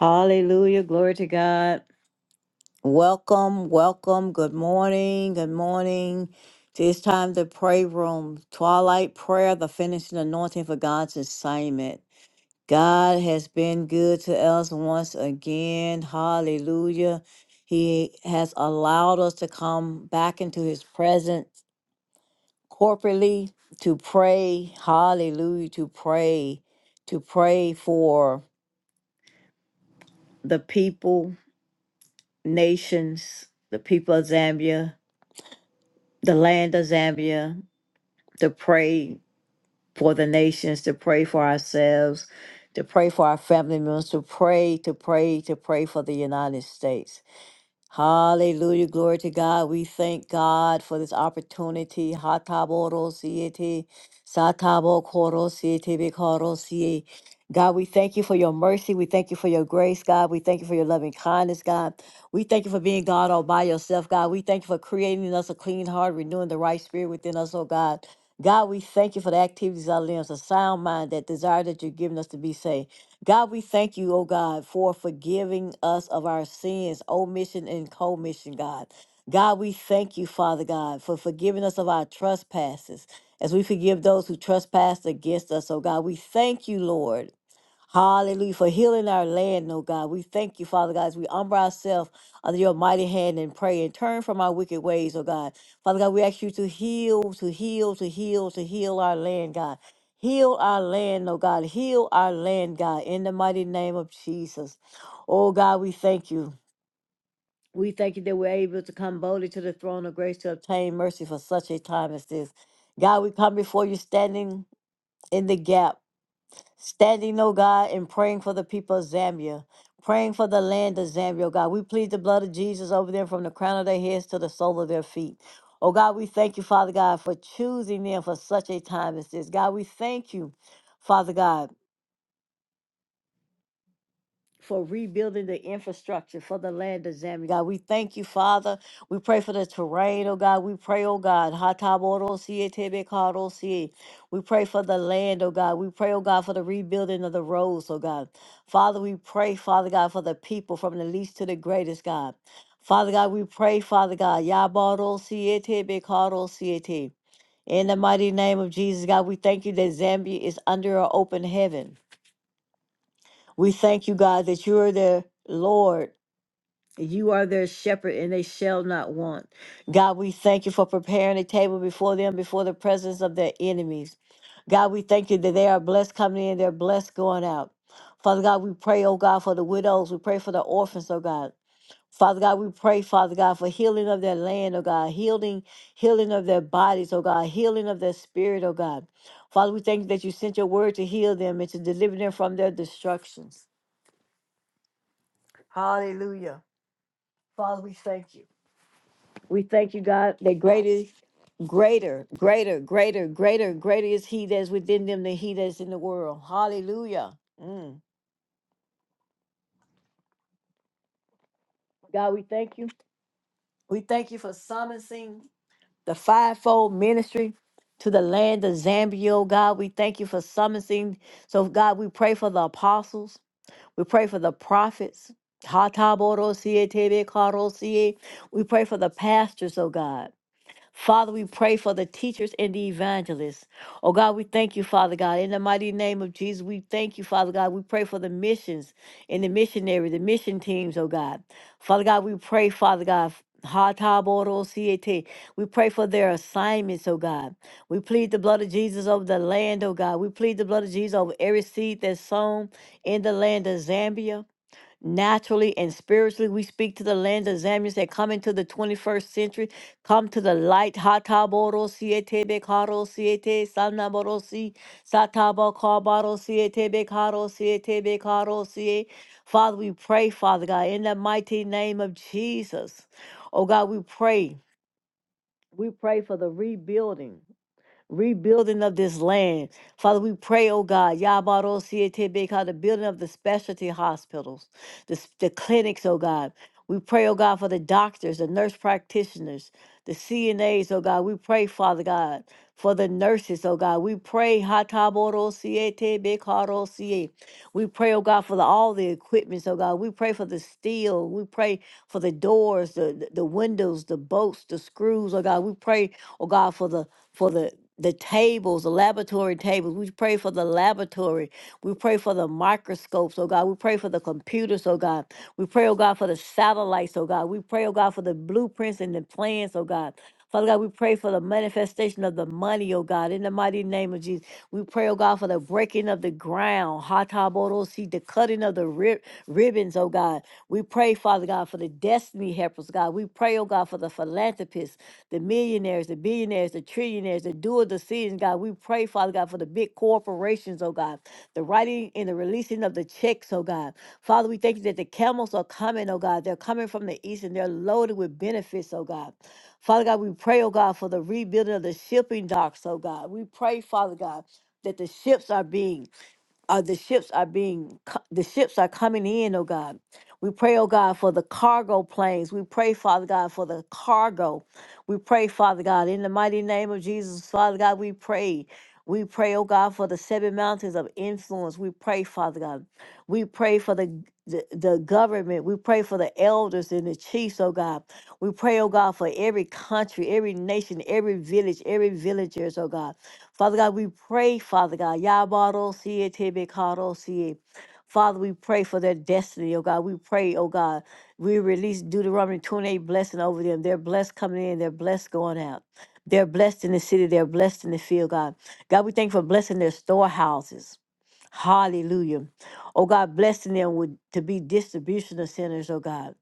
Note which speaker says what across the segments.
Speaker 1: Hallelujah. Glory to God. Welcome, welcome. Good morning. Good morning. To It's time to pray room. Twilight prayer, the finishing anointing for God's assignment. God has been good to us once again. Hallelujah. He has allowed us to come back into his presence corporately to pray. Hallelujah. To pray. To pray for the people nations, the people of Zambia, the land of Zambia, to pray for the nations, to pray for ourselves, to pray for our family members, to pray, to pray, to pray for the United States. Hallelujah. Glory to God. We thank God for this opportunity. Hataboro siete, satabo koro siete, bekoro sie. God, we thank you for your mercy. We thank you for your grace, God. We thank you for your loving kindness, God. We thank you for being God all by yourself, God. We thank you for creating in us a clean heart, renewing the right spirit within us, oh God. God, we thank you for the activities of our limbs, a sound mind, that desire that you've given us to be saved. God, we thank you, oh God, for forgiving us of our sins, omission and commission, God. God, we thank you, Father God, for forgiving us of our trespasses as we forgive those who trespass against us, oh God. We thank you, Lord. Hallelujah. For healing our land, oh God. We thank you, Father God, as we humble ourselves under your mighty hand and pray and turn from our wicked ways, oh God. Father God, we ask you to heal, to heal, to heal, to heal our land, God. Heal our land, oh God. Heal our land, God, in the mighty name of Jesus. Oh God, we thank you. We thank you that we're able to come boldly to the throne of grace to obtain mercy for such a time as this. God, we come before you standing in the gap Standing, oh God, and praying for the people of Zambia, praying for the land of Zambia, oh God. We plead the blood of Jesus over them from the crown of their heads to the sole of their feet. Oh God, we thank you, Father God, for choosing them for such a time as this. God, we thank you, Father God for rebuilding the infrastructure for the land of Zambia. God, we thank you, Father. We pray for the terrain, oh God. We pray, oh God. Hatabodosie, tebekadosie. We pray for the land, oh God. We pray, oh God, for the rebuilding of the roads, oh God. Father, we pray, Father God, for the people from the least to the greatest, God. Father God, we pray, Father God. Yabodosie, tebekadosie. In the mighty name of Jesus, God, we thank you that Zambia is under an open heaven. We thank you, God, that you are their Lord. You are their shepherd, and they shall not want. God, we thank you for preparing a table before them, before the presence of their enemies. God, we thank you that they are blessed coming in, they're blessed going out. Father God, we pray, oh God, for the widows. We pray for the orphans, oh God. Father God, we pray, Father God, for healing of their land, oh God, healing, healing of their bodies, oh God, healing of their spirit, oh God. Father, we thank you that you sent your word to heal them and to deliver them from their destructions. Hallelujah. Father, we thank you. We thank you, God, that greater, greater, greater, greater, greater, greater is He that's within them than He that's in the world. Hallelujah. Mm. God, we thank you. We thank you for summoning the fivefold ministry to the land of Zambia, oh God. We thank you for summoning. So, God, we pray for the apostles. We pray for the prophets. Hatabodosie, tebekarosie. We pray for the pastors, oh God. Father, we pray for the teachers and the evangelists. Oh God, we thank you, Father God. In the mighty name of Jesus, we thank you, Father God. We pray for the missions and the missionary, the mission teams, oh God. Father God, we pray, Father God. ha ta bo ro si e te. We pray for their assignments, oh God. We plead the blood of Jesus over the land, oh God. We plead the blood of Jesus over every seed that's sown in the land of Zambia. Naturally and spiritually, we speak to the lands of Zambians that come into the 21st century. Come to the light. Hataboro siete bekaro siete sanaboro si sataba kabaro siete bekaro siete bekaro sie. Father, we pray, Father God, in the mighty name of Jesus. Oh God, we pray. We pray for the rebuilding rebuilding of this land. Father, we pray, oh God, Yabaro CATBK, the building of the specialty hospitals, the, s- the clinics, oh God. We pray, oh God, for the doctors, the nurse practitioners, the CNAs, oh God. We pray, Father God, for the nurses, oh God. We pray, Hataboro CATBK, CA. We pray, oh God, for the, all the equipments, oh God. We pray for the steel. We pray for the doors, the, the the windows, the bolts, the screws, oh God. We pray, oh God, for the for the the tables, the laboratory tables. We pray for the laboratory. We pray for the microscopes, oh God. We pray for the computers, oh God. We pray, oh God, for the satellites, oh God. We pray, oh God, for the blueprints and the plans, oh God. Father God, we pray for the manifestation of the money, oh God, in the mighty name of Jesus. We pray, oh God, for the breaking of the ground, Hatabodosi, the cutting of the rib- ribbons, oh God. We pray, Father God, for the destiny helpers, God. We pray, oh God, for the philanthropists, the millionaires, the billionaires, the trillionaires, the doer decisions, God. We pray, Father God, for the big corporations, oh God, the writing and the releasing of the checks, oh God. Father, we thank you that the camels are coming, oh God. They're coming from the east and they're loaded with benefits, oh God. Father God, we pray, oh God, for the rebuilding of the shipping docks, oh God. We pray, Father God that the ships are being uh, the ships are being co- the ships are coming in oh god we pray oh god for the cargo planes we pray father god for the cargo we pray father god in the mighty name of jesus father god we pray we pray oh god for the seven mountains of influence we pray father god we pray for the g- the, the government we pray for the elders and the chiefs oh god we pray oh god for every country every nation every village every villagers oh god Father God, we pray, Father God, Yabaro see it, Tebe see it. Father, we pray for their destiny, oh God. We pray, oh God. We release Deuteronomy 28 blessing over them. They're blessed coming in, they're blessed going out. They're blessed in the city, they're blessed in the field, God. God, we thank you for blessing their storehouses. Hallelujah. Oh God, blessing them with to be distribution of sinners, oh God.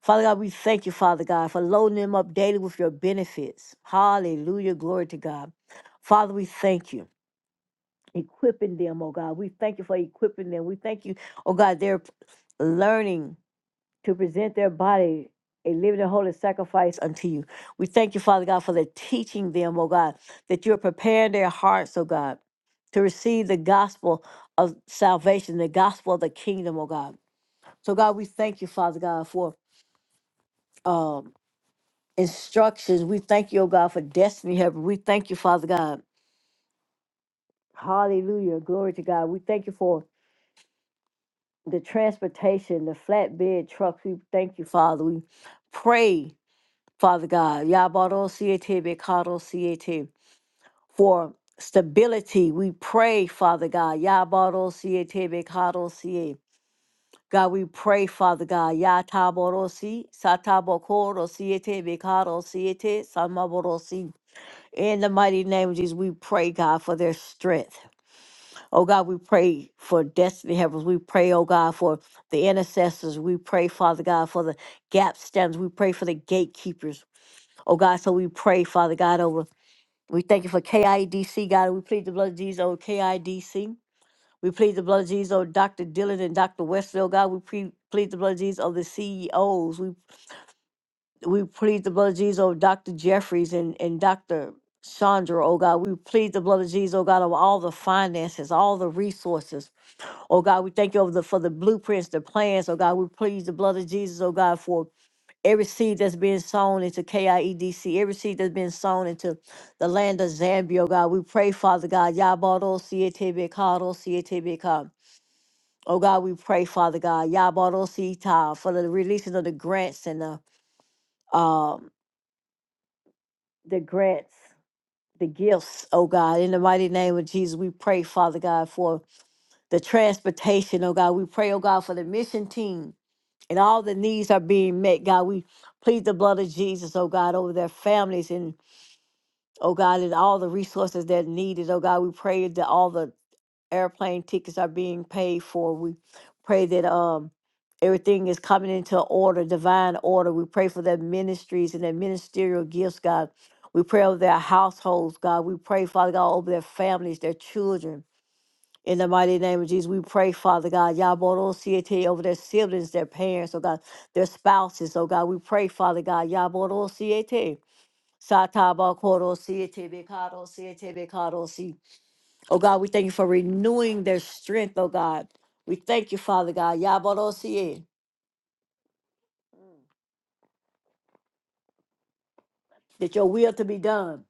Speaker 1: Father God, we thank you, Father God, for loading them up daily with your benefits. Hallelujah. Glory to God. Father, we thank you. Equipping them, oh God. We thank you for equipping them. We thank you, oh God, they're learning to present their body a living and holy sacrifice unto you. We thank you, Father God, for the teaching them, oh God, that you're preparing their hearts, oh God, to receive the gospel of salvation, the gospel of the kingdom, oh God. So, God, we thank you, Father God, for um, instructions. We thank you, oh God, for destiny helping. We thank you, Father God. Hallelujah. Glory to God. We thank you for the transportation, the flatbed trucks. We thank you, Father. We pray Father God. Yabarosiete bekarosiete. For stability, we pray, Father God. Yabarosiete bekarosiete. God, we pray, Father God. Yataborosi, satabokorosiete bekarosiete, samaborosi. In the mighty name of Jesus, we pray, God, for their strength. Oh God, we pray for destiny helpers. We pray, oh God, for the intercessors. We pray, Father God, for the gap stands. We pray for the gatekeepers. Oh God, so we pray, Father God, over. We thank you for KIDC, God. We plead the blood of Jesus over KIDC. We plead the blood of Jesus over Dr. Dillon and Dr. Westville, God. We pre- plead the blood of Jesus over the CEOs. We we plead the blood of Jesus over Dr. Jeffries and, and Dr. Chandra, oh God. We plead the blood of Jesus, oh God, over all the finances, all the resources. Oh God, we thank you over the, for the blueprints, the plans, oh God. We plead the blood of Jesus, oh God, for every seed that's being sown into KIEDC, every seed that's been sown into the land of Zambia, oh God, we pray, Father God, Yabado Sietebekado Sietebeka. Oh God, we pray, Father God, Yabado Sita for the releasing of the grants and the um the grants, the gifts, oh God, in the mighty name of Jesus, we pray, Father God, for the transportation, oh God. We pray, oh God, for the mission team and all the needs are being met, God. We plead the blood of Jesus, oh God, over their families and Oh God, and all the resources that are needed. Oh God, we pray that all the airplane tickets are being paid for. We pray that um everything is coming into order, divine order. We pray for their ministries and their ministerial gifts, God. We pray over their households, God. We pray, Father God, over their families, their children. In the mighty name of Jesus, we pray, Father God, Yaboro Siete over their siblings, their parents, oh God, their spouses, oh God. We pray, Father God, Yaboro Siete. Sataba Korosi, Tebe Karosi, Tebe Karosi. Oh God, we thank you for renewing their strength, oh God. We thank you, Father God, Yabarosi, that your will to be done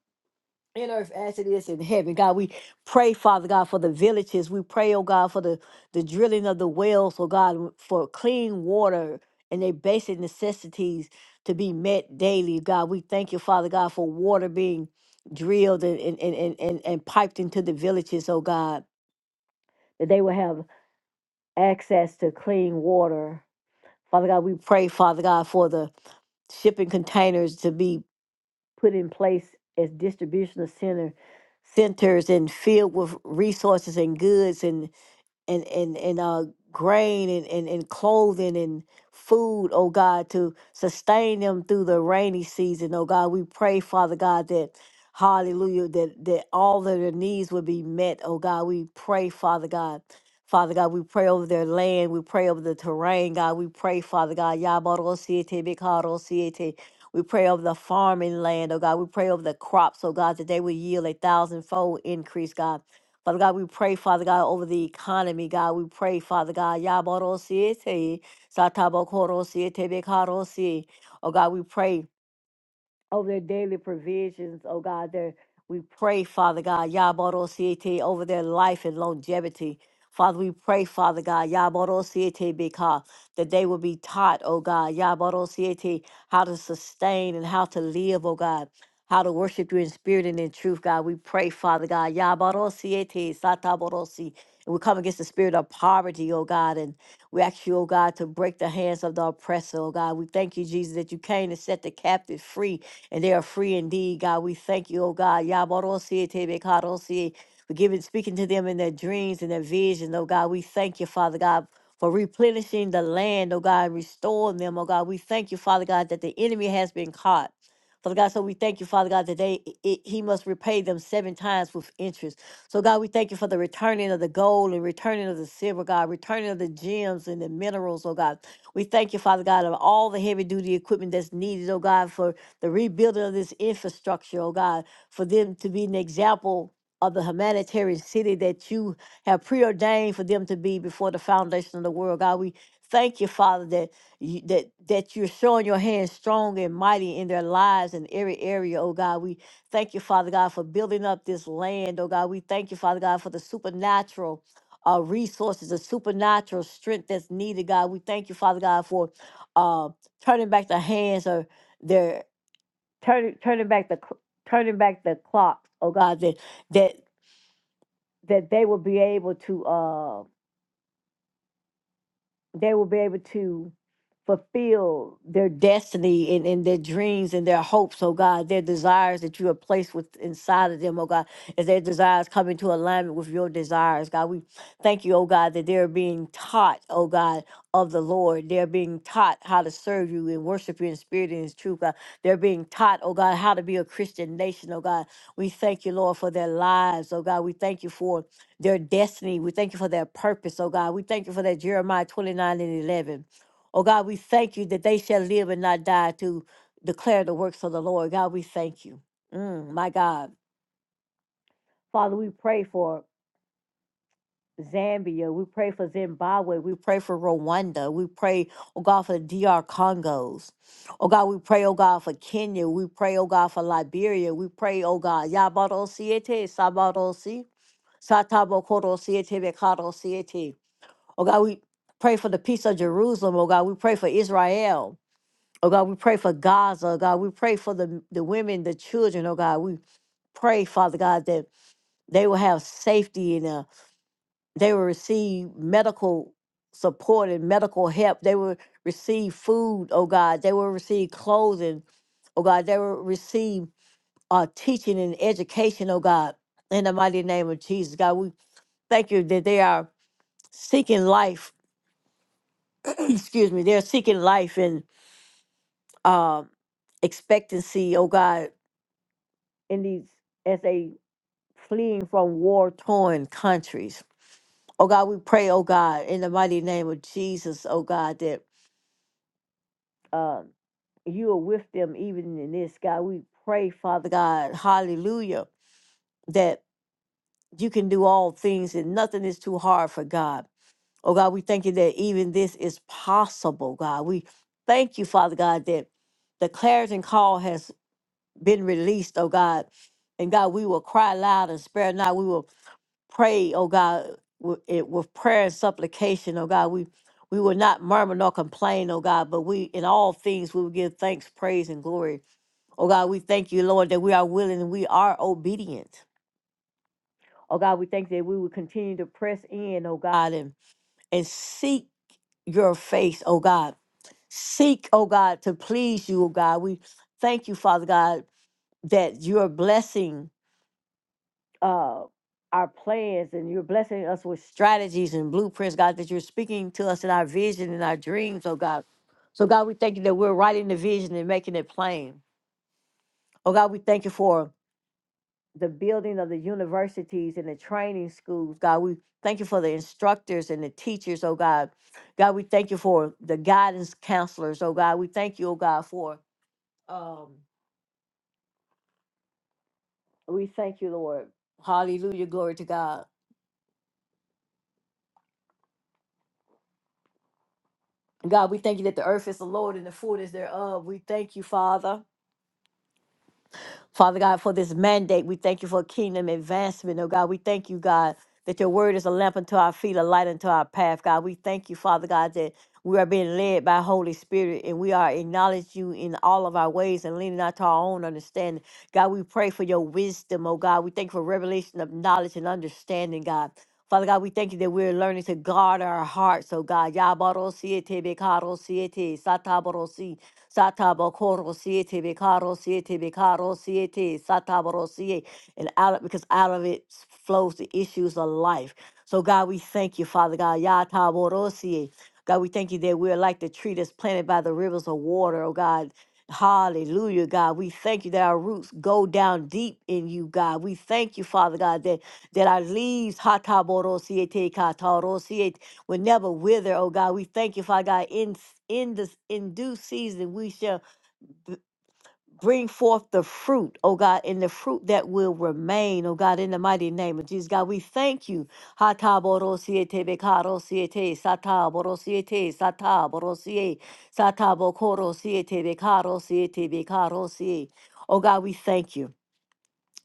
Speaker 1: in earth as it is in heaven. God, we pray, Father God, for the villages. We pray, oh God, for the, the drilling of the wells, oh God, for clean water and their basic necessities to be met daily. God, we thank you, Father God, for water being drilled and, and, and, and, and and piped into the villages, oh God. that they will have access to clean water. Father God, we pray, Father God, for the shipping containers to be put in place as distribution center centers and filled with resources and goods and and and and uh grain and, and and clothing and food oh god to sustain them through the rainy season oh god we pray father god that hallelujah that that all of their needs would be met oh god we pray father god Father God, we pray over their land. We pray over the terrain, God. We pray, Father God. Yabarosiete, Bikarosiete. We pray over the farming land, oh God. We pray over the crops, oh God, that they will yield a thousandfold increase, God. Father God, we pray, Father God, over the economy, God. We pray, Father God. Yaboro siete, satabokoro siete bekaro si. Oh God, we pray over their daily provisions, oh God, their we pray, Father God, Yabarosiete, over their life and longevity. Father, we pray, Father God, Yabarosiete Bika, that they will be taught, oh God, Yabarosiete, how to sustain and how to live, oh God, how to worship you in spirit and in truth, God. We pray, Father God, Yabarosiete, Sataborosi, And we come against the spirit of poverty, oh God, and we ask you, oh God, to break the hands of the oppressor, oh God. We thank you, Jesus, that you came to set the captive free and they are free indeed. God, we thank you, oh God. Yabarosi, Tebekarosi, for giving, speaking to them in their dreams and their visions. oh God. We thank you, Father God. For replenishing the land, oh God, and restoring them, oh God. We thank you, Father God, that the enemy has been caught. Father God, so we thank you, Father God, today it, he must repay them seven times with interest. So, God, we thank you for the returning of the gold and returning of the silver, God, returning of the gems and the minerals, oh God. We thank you, Father God, of all the heavy duty equipment that's needed, oh God, for the rebuilding of this infrastructure, oh God, for them to be an example of the humanitarian city that you have preordained for them to be before the foundation of the world. God, we thank you, Father, that you, that that you're showing your hand strong and mighty in their lives in every area, oh God. We thank you, Father God, for building up this land, oh God. We thank you, Father God, for the supernatural uh, resources, the supernatural strength that's needed, God. We thank you, Father God, for uh, turning back the hands of their turning turning back the cl- turning back the clocks, oh God, that that that they will be able to uh, they will be able to fulfill their destiny and, and their dreams and their hopes, oh God, their desires that you have placed with inside of them, oh God, as their desires come into alignment with your desires, God. We thank you, oh God, that they're being taught, oh God, of the Lord. They're being taught how to serve you and worship you in spirit and in truth, God. They're being taught, oh God, how to be a Christian nation, oh God. We thank you, Lord, for their lives, oh God. We thank you for their destiny. We thank you for their purpose, oh God. We thank you for that Jeremiah 29 and 11. Oh God, we thank you that they shall live and not die to declare the works of the Lord. God, we thank you. Mm, my God. Father, we pray for Zambia. We pray for Zimbabwe. We pray for Rwanda. We pray, oh God, for the DR Congos. Oh God, we pray, oh God, for Kenya. We pray, oh God, for Liberia. We pray, oh God, Yabado Siete, Sabado Si, Satabo Koro Siete, Bekado Siete. Oh God, we pray for the peace of Jerusalem. Oh God, we pray for Israel. Oh God, we pray for Gaza. Oh God, we pray for the, the women, the children. Oh God, we pray, Father God, that they will have safety and uh, they will receive medical support and medical help. They will receive food, oh God. They will receive clothing, oh God. They will receive uh, teaching and education, oh God. In the mighty name of Jesus, God, we thank you that they are seeking life. excuse me, they're seeking life and. um, expectancy, oh God, in these as they fleeing from war torn countries. Oh God, we pray, oh God, in the mighty name of Jesus, oh God, that um you are with them even in this, God. We pray, Father God, hallelujah, that you can do all things and nothing is too hard for God. Oh God, we thank you that even this is possible, God. We thank you, Father God, that the clarion call has been released, oh God. And God, we will cry loud and spare not. We will pray, oh God, with, it, with prayer and supplication, oh God. We we will not murmur nor complain, oh God, but we in all things we will give thanks, praise, and glory. Oh God, we thank you, Lord, that we are willing and we are obedient. Oh God, we thank that we will continue to press in, oh God, and and seek your face, oh God. Seek, oh God, to please you, oh God. We thank you, Father God, that your blessing uh, our plans and you're blessing us with strategies and blueprints, God, that you're speaking to us in our vision and our dreams, oh God. So, God, we thank you that we're writing the vision and making it plain. Oh God, we thank you for the building of the universities and the training schools, God. We thank you for the instructors and the teachers, oh God. God, we thank you for the guidance counselors, oh God. We thank you, oh God, for um, we thank you, Lord. Hallelujah, glory to God God, we thank you that the earth is the Lord and the fullness thereof. We thank you, Father. Father God, for this mandate, we thank you for kingdom advancement, oh God. We thank you, God, that your word is a lamp unto our feet, a light unto our path, God. We thank you, Father God, that we are being led by Holy Spirit and we are acknowledging you in all of our ways and leaning not to our own understanding. God, we pray for your wisdom, oh God. We thank you for revelation of knowledge and understanding, God. Father God, we thank you that we're learning to guard our hearts, oh God. Yabarosiete, bekarosiete, satabarosi. Satabokoro siete bekaro siete bekaro siete sataboro siete. And out of, because out of it flows the issues of life. So God, we thank you, Father God. Yataboro siete. God, we thank you that we're like the tree that's planted by the rivers of water, oh God. Hallelujah, God. We thank you that our roots go down deep in you, God. We thank you, Father God, that that our leaves, will never wither, oh God. We thank you, Father God. In in this in due season, we shall b- bring forth the fruit, oh God, and the fruit that will remain, oh God, in the mighty name of Jesus. God, we thank you. Hataborosiete bekarosiete, sataborosiete, sataborosie, satabokorosiete, bekarosiete, bekarosie. Oh God, we thank you.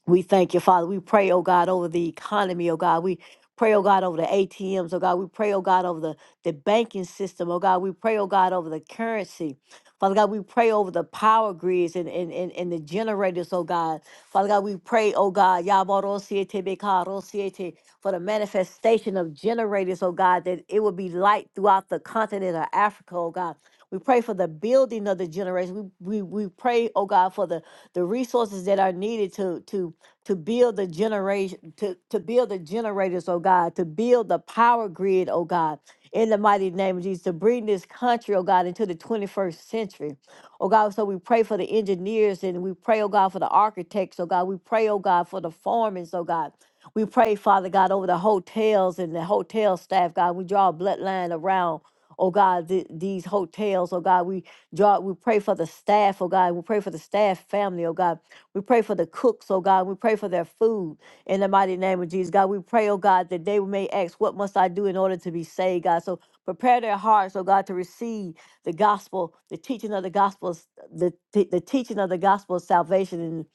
Speaker 1: We thank you, Father. We pray, oh God, over the economy, oh God. We pray, oh God, over the ATMs, oh God. We pray, oh God, over the, the banking system, oh God. We pray, oh God, over the currency. Father God, we pray over the power grids and, and, and, and the generators, oh God. Father God, we pray, oh God, Yabarosiete Bekarosiete, for the manifestation of generators, oh God, that it will be light throughout the continent of Africa, oh God. We pray for the building of the generators. We, we, we pray, oh God, for the the resources that are needed to to to build the generation to, to build the generators, oh God, to build the power grid, oh God, in the mighty name of Jesus, to bring this country, oh God, into the 21st century. Oh God, so we pray for the engineers and we pray, oh God, for the architects, oh God. We pray, oh God, for the foremen, oh God. We pray, Father God, over the hotels and the hotel staff, God. We draw a bloodline around, oh God, th- these hotels, oh God. We draw, we pray for the staff, oh God. We pray for the staff family, oh God. We pray for the cooks, oh God. We pray for their food in the mighty name of Jesus. God, we pray, oh God, that they may ask, What must I do in order to be saved, God? So prepare their hearts, oh God, to receive the gospel, the teaching of the gospel, s- the, the teaching of the gospel of salvation and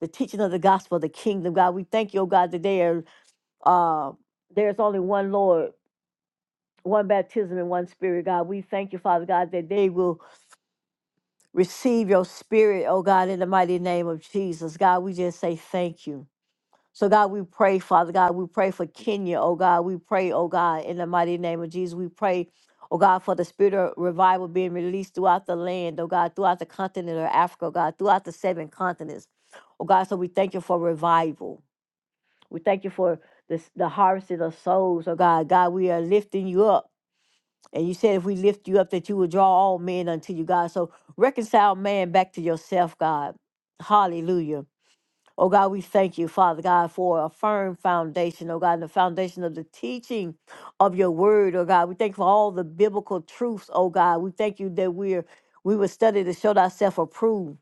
Speaker 1: the teaching of the gospel of the kingdom, God. We thank you, oh God, that they are, uh, there's only one Lord, one baptism, and one spirit, God. We thank you, Father God, that they will receive your spirit, oh God, in the mighty name of Jesus. God, we just say thank you. So God, we pray, Father God, we pray for Kenya, oh God, we pray, oh God, in the mighty name of Jesus, we pray, oh God, for the spirit of revival being released throughout the land, oh God, throughout the continent of Africa, oh God, throughout the seven continents, oh God. So we thank you for revival. We thank you for this, the harvest of souls, oh God. God, we are lifting you up. And you said if we lift you up, that you will draw all men unto you, God. So reconcile man back to yourself, God. Hallelujah. Oh God, we thank you, Father God, for a firm foundation, oh God, and the foundation of the teaching of your word, oh God. We thank you for all the biblical truths, oh God. We thank you that we're we will study to show thyself approved,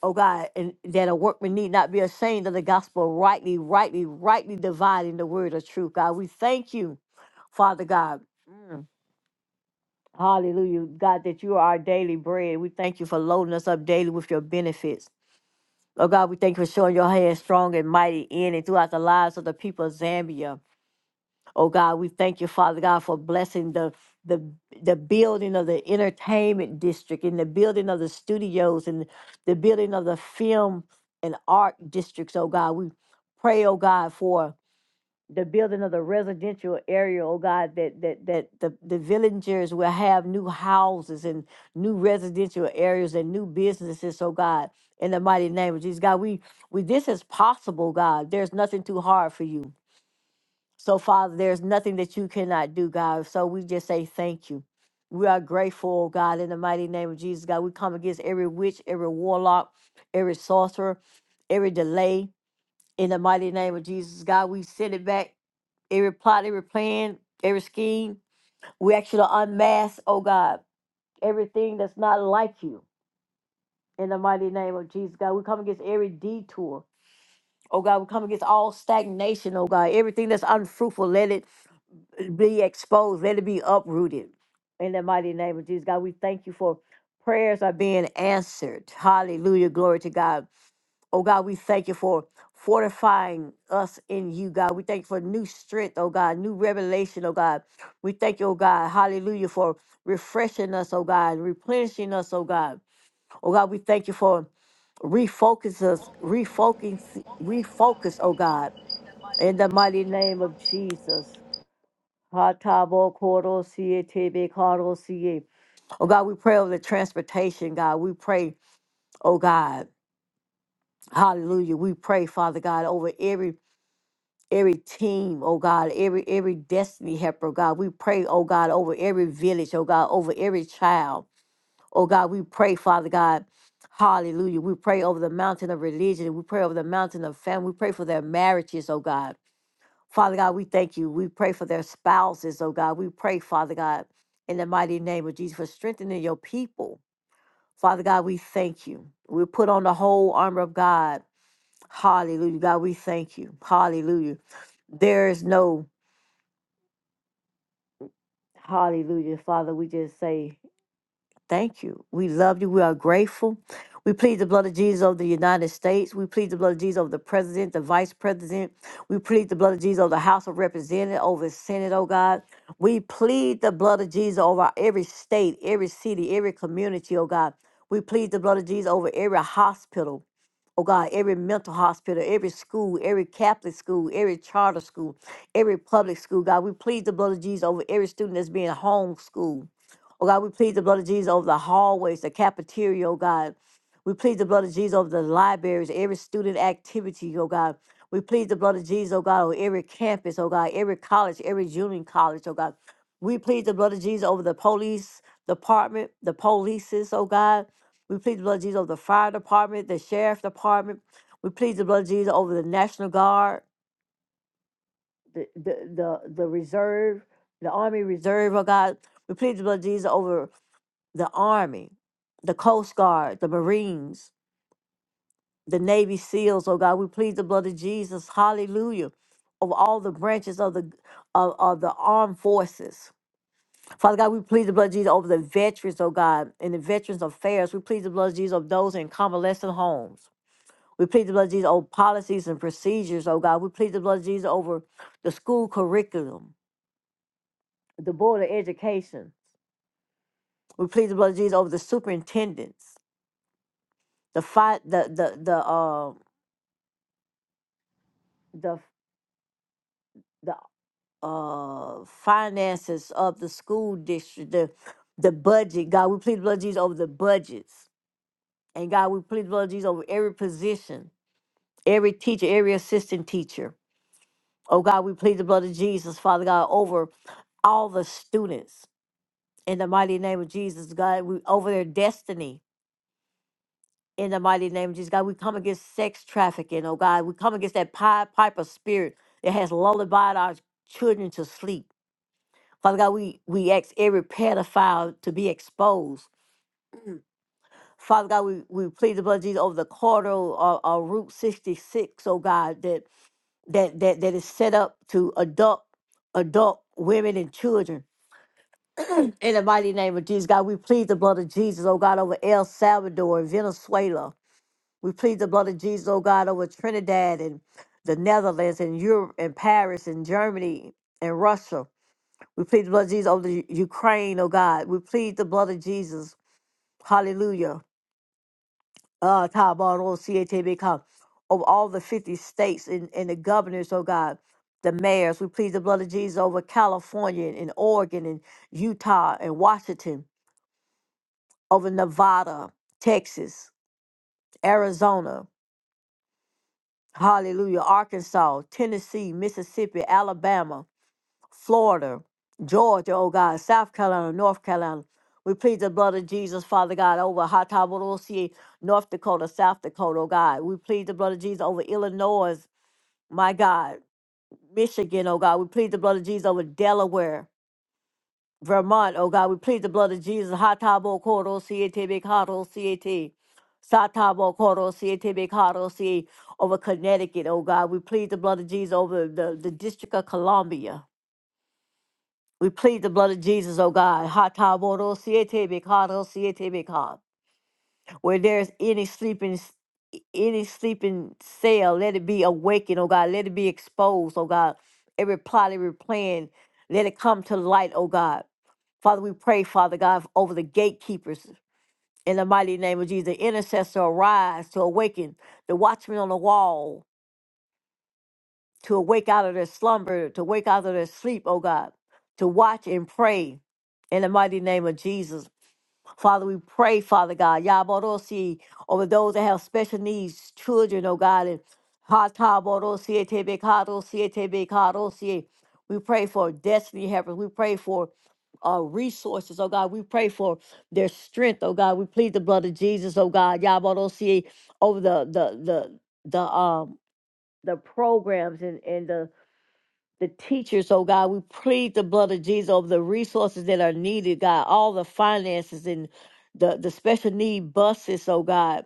Speaker 1: oh God, and that a workman need not be ashamed of the gospel, rightly, rightly, rightly dividing the word of truth, God. We thank you, Father God. Mm. Hallelujah, God, that you are our daily bread. We thank you for loading us up daily with your benefits. Oh God, we thank you for showing your hand strong and mighty in and throughout the lives of the people of Zambia. Oh God, we thank you, Father God, for blessing the the the building of the entertainment district and the building of the studios and the building of the film and art districts, oh God. We pray, oh God, for the building of the residential area, oh God, that that that the, the villagers will have new houses and new residential areas and new businesses, oh God, in the mighty name of Jesus. God, we we this is possible, God. There's nothing too hard for you. So, Father, there's nothing that you cannot do, God. So we just say thank you. We are grateful, oh God, in the mighty name of Jesus. God, we come against every witch, every warlock, every sorcerer, every delay. In the mighty name of Jesus, God, we send it back every plot, every plan, every scheme. We actually unmask, oh God, everything that's not like you. In the mighty name of Jesus, God, we come against every detour. Oh God, we come against all stagnation, oh God. Everything that's unfruitful, let it be exposed, let it be uprooted. In the mighty name of Jesus, God, we thank you for prayers are being answered. Hallelujah. Glory to God. Oh God, we thank you for fortifying us in you, God. We thank you for new strength, oh God, new revelation, oh God. We thank you, oh God, hallelujah, for refreshing us, oh God, replenishing us, oh God. Oh God, we thank you for refocus us, refocus, refocus, oh God, in the mighty name of Jesus. Ha ta bo ko ro si e te be ka ro si e. Oh God, we pray over the transportation, God. We pray, oh God. Hallelujah. We pray, Father God, over every every team, oh God, every every destiny helper, oh God. We pray, oh God, over every village, oh God, over every child. Oh God, we pray, Father God. Hallelujah. We pray over the mountain of religion. We pray over the mountain of family. We pray for their marriages, oh God. Father God, we thank you. We pray for their spouses, oh God. We pray, Father God, in the mighty name of Jesus, for strengthening your people. Father God, we thank you. We put on the whole armor of God. Hallelujah. God, we thank you. Hallelujah. There is no Hallelujah. Father, we just say thank you. We love you. We are grateful. We plead the blood of Jesus over the United States. We plead the blood of Jesus over the president, the vice president. We plead the blood of Jesus over the House of Representatives, over the Senate, oh God. We plead the blood of Jesus over every state, every city, every community, oh God. We plead the blood of Jesus over every hospital. Oh God, every mental hospital, every school, every Catholic school, every charter school, every public school. God, we plead the blood of Jesus over every student that's being homeschooled. Oh God, we plead the blood of Jesus over the hallways, the cafeteria, oh God. We plead the blood of Jesus over the libraries, every student activity, oh God. We plead the blood of Jesus, oh God, over every campus, oh God, every college, every junior college, oh God. We plead the blood of Jesus over the police department, the polices, oh God. We plead the blood of Jesus over the fire department, the sheriff department. We plead the blood of Jesus over the National Guard, the the the, the reserve, the Army Reserve, oh God. We plead the blood of Jesus over the Army, the Coast Guard, the Marines, the Navy SEALs, oh God. We plead the blood of Jesus, hallelujah, over all the branches of the of, of the armed forces. Father God, we plead the blood of Jesus over the veterans, oh God, and the Veterans Affairs. We plead the blood of Jesus over those in convalescent homes. We plead the blood of Jesus over policies and procedures, oh God. We plead the blood of Jesus over the school curriculum, the board of education. We plead the blood of Jesus over the superintendents, the fi- the the the uh, the the uh, finances of the school district, the the budget. God, we plead the blood of Jesus over the budgets, and God, we plead the blood of Jesus over every position, every teacher, every assistant teacher. Oh God, we plead the blood of Jesus, Father God, over all the students in the mighty name of Jesus, God, we over their destiny. In the mighty name of Jesus, God, we come against sex trafficking, oh God. We come against that Pied Piper spirit that has lullabied our children to sleep. Father God, we, we ask every pedophile to be exposed. Father God, we, we plead the blood of Jesus over the corridor or, or Route 66, oh God, that that that that is set up to adult adult women and children. In the mighty name of Jesus, God, we plead the blood of Jesus, oh God, over El Salvador and Venezuela. We plead the blood of Jesus, oh God, over Trinidad and the Netherlands and Europe and Paris and Germany and Russia. We plead the blood of Jesus over the U- Ukraine, oh God. We plead the blood of Jesus. Hallelujah. Uh, Tabarro, CATB, over all the 50 states and, and the governors, oh God, the mayors. We plead the blood of Jesus over California and Oregon and Utah and Washington. over Nevada, Texas, Arizona, hallelujah, Arkansas, Tennessee, Mississippi, Alabama, Florida, Georgia, oh God, South Carolina, North Carolina. We plead the blood of Jesus, Father God, over Hataburosie, North Dakota, South Dakota, oh God. We plead the blood of Jesus over Illinois, my God, Michigan, oh God. We plead the blood of Jesus over Delaware. Vermont, oh God, we plead the blood of Jesus. Hatabo koro siete bekaro siete. Satabo koro siete bekaro siete. Over Connecticut, oh God, we plead the blood of Jesus over the, the District of Columbia. We plead the blood of Jesus, oh God. Hataboro siete bekaro siete bekar. Where there's any sleeping any sleeping cell, let it be awakened, oh God. Let it be exposed, oh God. Every plot, every plan, let it come to light, oh God. Father, we pray, Father God, over the gatekeepers in the mighty name of Jesus. The intercessor arise to awaken the watchmen on the wall, to awake out of their slumber, to wake out of their sleep, oh God, to watch and pray in the mighty name of Jesus. Father, we pray, Father God, Yaborosi, over those that have special needs, children, oh God, and Hataborosi, Etebekarosi, Etebekarosi. we pray for destiny helpers. We pray for uh, resources, oh God. We pray for their strength, oh God. We plead the blood of Jesus, oh God, Yaborosi, over the the the the um the programs and and the the teachers, oh God. We plead the blood of Jesus over the resources that are needed, God, all the finances and the, the special need buses, oh God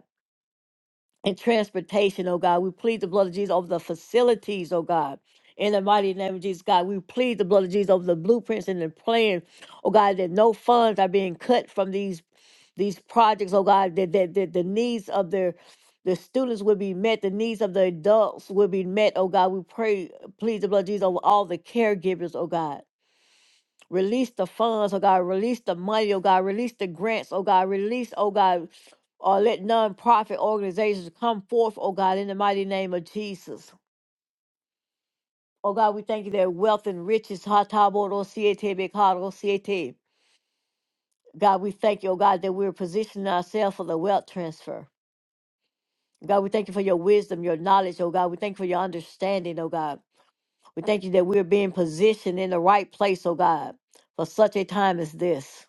Speaker 1: and transportation, oh God. We plead the blood of Jesus over the facilities, oh God. In the mighty name of Jesus, God, we plead the blood of Jesus over the blueprints and the plan, oh God, that no funds are being cut from these these projects, oh God, that, that, that the needs of their the students will be met, the needs of the adults will be met, oh God. We pray, plead the blood of Jesus over all the caregivers, oh God. Release the funds, oh God. Release the money, oh God. Release the grants, oh God. Release, oh God. Or let nonprofit organizations come forth, oh God, in the mighty name of Jesus. Oh God, we thank you that wealth and riches, Hatabodo God, we thank you, oh God, that we're positioning ourselves for the wealth transfer. God, we thank you for your wisdom, your knowledge, oh God. We thank you for your understanding, oh God. We thank you that we're being positioned in the right place, oh God, for such a time as this.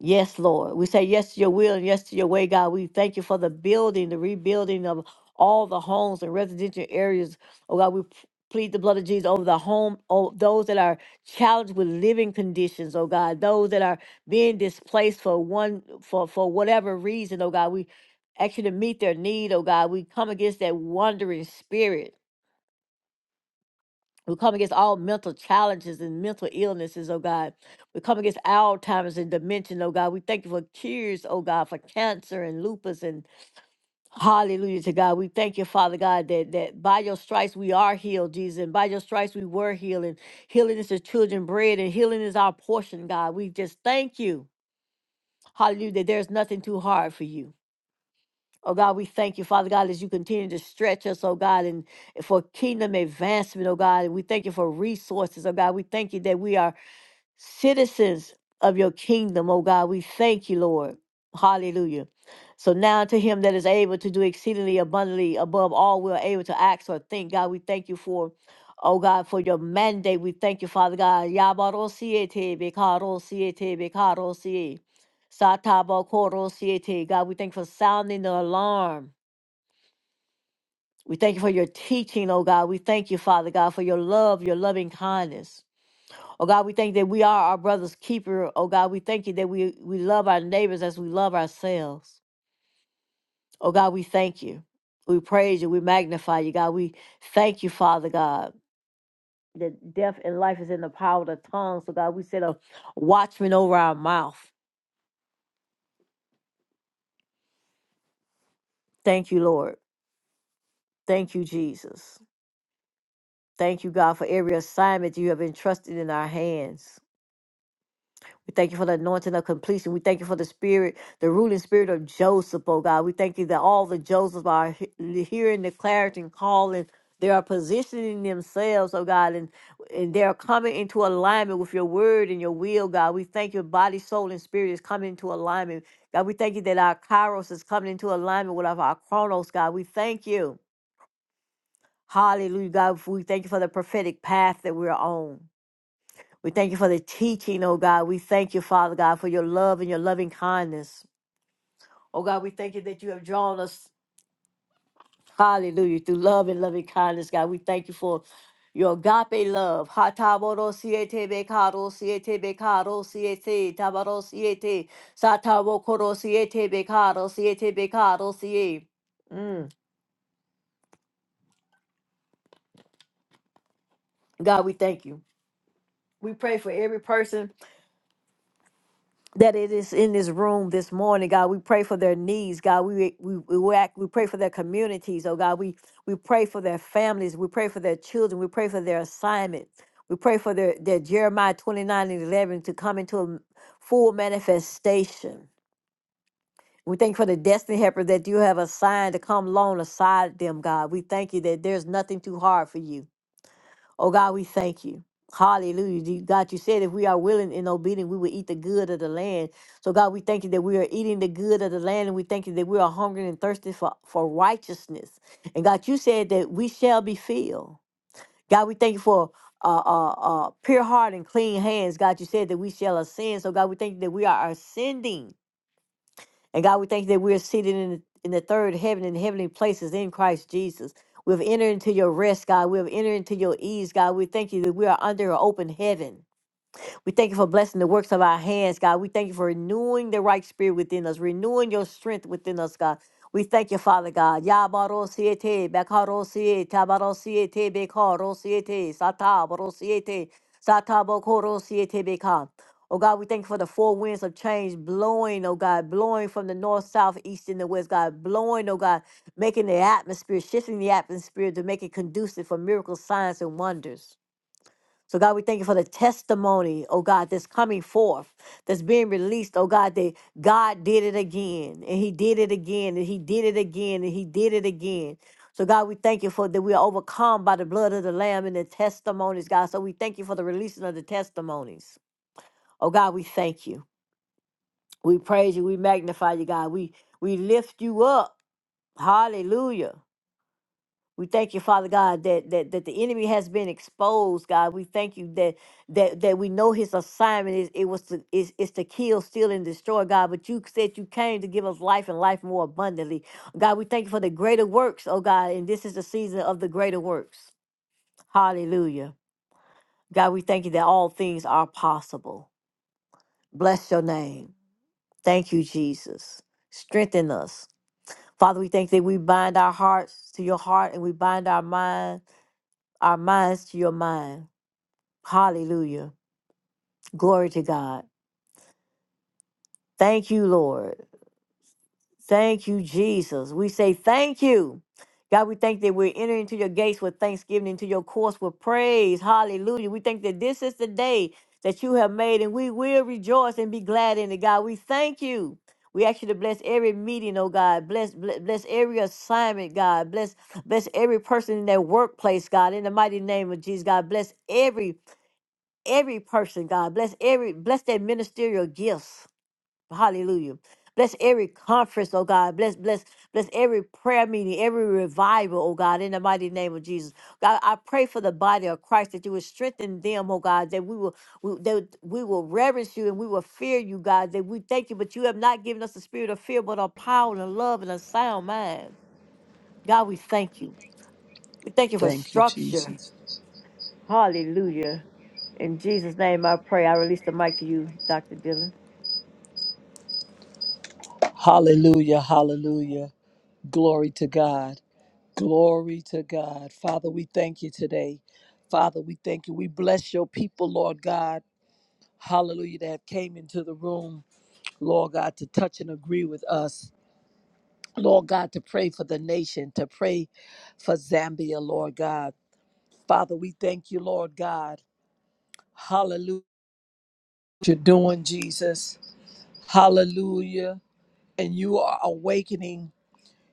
Speaker 1: Yes, Lord. We say yes to your will and yes to your way, God. We thank you for the building, the rebuilding of all the homes and residential areas. Oh, God, we p- plead the blood of Jesus over the home, oh, those that are challenged with living conditions, oh, God, those that are being displaced for one, for, for whatever reason, oh, God. We ask you to meet their need, oh, God. We come against that wandering spirit we come against all mental challenges and mental illnesses, oh God. We come against Alzheimer's and dementia, oh God. We thank you for cures, oh God, for cancer and lupus and hallelujah to God. We thank you, Father God, that, that by your stripes we are healed, Jesus, and by your stripes we were healed. And healing is the children bread and healing is our portion, God. We just thank you, hallelujah, that there's nothing too hard for you. Oh God, we thank you, Father God, as you continue to stretch us, oh God, and for kingdom advancement, oh God. And we thank you for resources, oh God. We thank you that we are citizens of your kingdom, O God. We thank you, Lord. Hallelujah. So now to him that is able to do exceedingly abundantly above all we are able to ask or think, God, we thank you for, oh God, for your mandate. We thank you, Father God. Yabarosiete, bekarosiete, bekarosie, satabakorosiete. God, we thank you for sounding the alarm. We thank you for your teaching, oh God. We thank you, Father God, for your love, your loving kindness. Oh God, we thank you that we are our brother's keeper. Oh God, we thank you that we, we love our neighbors as we love ourselves. Oh God, we thank you. We praise you. We magnify you, God. We thank you, Father God, that death and life is in the power of the tongue. So God, we set a watchman over our mouth. Thank you, Lord. Thank you, Jesus. Thank you, God, for every assignment you have entrusted in our hands. We thank you for the anointing of completion. We thank you for the spirit, the ruling spirit of Joseph, oh God. We thank you that all the Josephs are he- hearing the clarity and calling. They are positioning themselves, oh God, and, and they are coming into alignment with your word and your will, God. We thank you, body, soul, and spirit is coming into alignment. God, we thank you that our kairos is coming into alignment with our chronos, God. We thank you. Hallelujah, God. We thank you for the prophetic path that we're on. We thank you for the teaching, oh God. We thank you, Father God, for your love and your loving kindness. Oh God, we thank you that you have drawn us, hallelujah, through love and loving kindness, God. We thank you for your agape love. Ha ta bo ro si e te be ka ro si e te be ka ro si e te ta ba ro si e te sa ta wo ko ro si e te be ka ro si e te be ka ro si e. Mm. God, we thank you. We pray for every person that it is in this room this morning, God. We pray for their needs, God. We we we, we act, we pray for their communities, oh God. We we pray for their families. We pray for their children. We pray for their assignment. We pray for their, their Jeremiah 29 and 11 to come into a m- full manifestation. We thank you for the destiny helper that you have assigned to come along aside them, God. We thank you that there's nothing too hard for you. Oh God, we thank you. Hallelujah. You- God, you said if we are willing and obedient, we will eat the good of the land. So God, we thank you that we are eating the good of the land and we thank you that we are hungry and thirsty for, for righteousness. And God, you said that we shall be filled. God, we thank you for uh, uh, uh, pure heart and clean hands. God, you said that we shall ascend. So God, we thank you that we are ascending. And God, we thank you that we are seated in the, in the third heaven in heavenly places in Christ Jesus. We've entered into your rest, God. We've entered into your ease, God. We thank you that we are under your open heaven. We thank you for blessing the works of our hands, God. We thank you for renewing the right spirit within us, renewing your strength within us, God. We thank you, Father God. Yabarosiete, Bakarosiete, Tabarosiete, Bekarosiete, Satabarosiete, Satabokorosiete, Bekar. Oh God, we thank you for the four winds of change blowing, oh God, blowing from the north, south, east, and the west, God, blowing, oh God, making the atmosphere, shifting the atmosphere to make it conducive for miracles, signs, and wonders. So, God, we thank you for the testimony, oh God, that's coming forth, that's being released, oh God, that God did it again, and He did it again, and He did it again, and He did it again. So, God, we thank you for that we are overcome by the blood of the Lamb and the testimonies, God. So, we thank you for the releasing of the testimonies. Oh, God, we thank you. We praise you. We magnify you, God. We, we lift you up. Hallelujah. We thank you, Father God, that, that that the enemy has been exposed, God. We thank you that that that we know his assignment is it was to is, is to kill, steal, and destroy, God. But you said you came to give us life and life more abundantly. God, we thank you for the greater works, oh God, and this is the season of the greater works. Hallelujah. God, we thank you that all things are possible. Bless your name. Thank you, Jesus. Strengthen us. Father, we thank you that we bind our hearts to your heart and we bind our mind our minds to your mind. Hallelujah. Glory to God. Thank you, Lord. Thank you, Jesus. We say thank you. God, we thank that we're entering into your gates with thanksgiving, into your courts with praise. Hallelujah. We think that this is the day that you have made, and we will rejoice and be glad in it. God, we thank you. We ask you to bless every meeting, oh God. Bless, bless, bless every assignment, God. Bless, bless every person in their workplace, God. In the mighty name of Jesus, God. Bless every every person, God. Bless every bless their ministerial gifts. Hallelujah. Bless every conference, oh God. Bless, bless, bless every prayer meeting, every revival, oh God, in the mighty name of Jesus. God, I pray for the body of Christ that you would strengthen them, oh God, that we will we, that we will reverence you and we will fear you, God, that we thank you, but you have not given us the spirit of fear, but of power and of love and a sound mind. God, we thank you. We thank you for
Speaker 2: Thank you,
Speaker 1: structure.
Speaker 2: Jesus.
Speaker 1: Hallelujah. In Jesus' name I pray. I release the mic to you, Dr. Dillon.
Speaker 2: Hallelujah, hallelujah. Glory to God. Glory to God. Father, we thank you today. Father, we thank you. We bless your people, Lord God. Hallelujah, that have came into the room, Lord God, to touch and agree with us. Lord God, to pray for the nation, to pray for Zambia, Lord God. Father, we thank you, Lord God. Hallelujah. You're doing, Jesus. Hallelujah. And you are awakening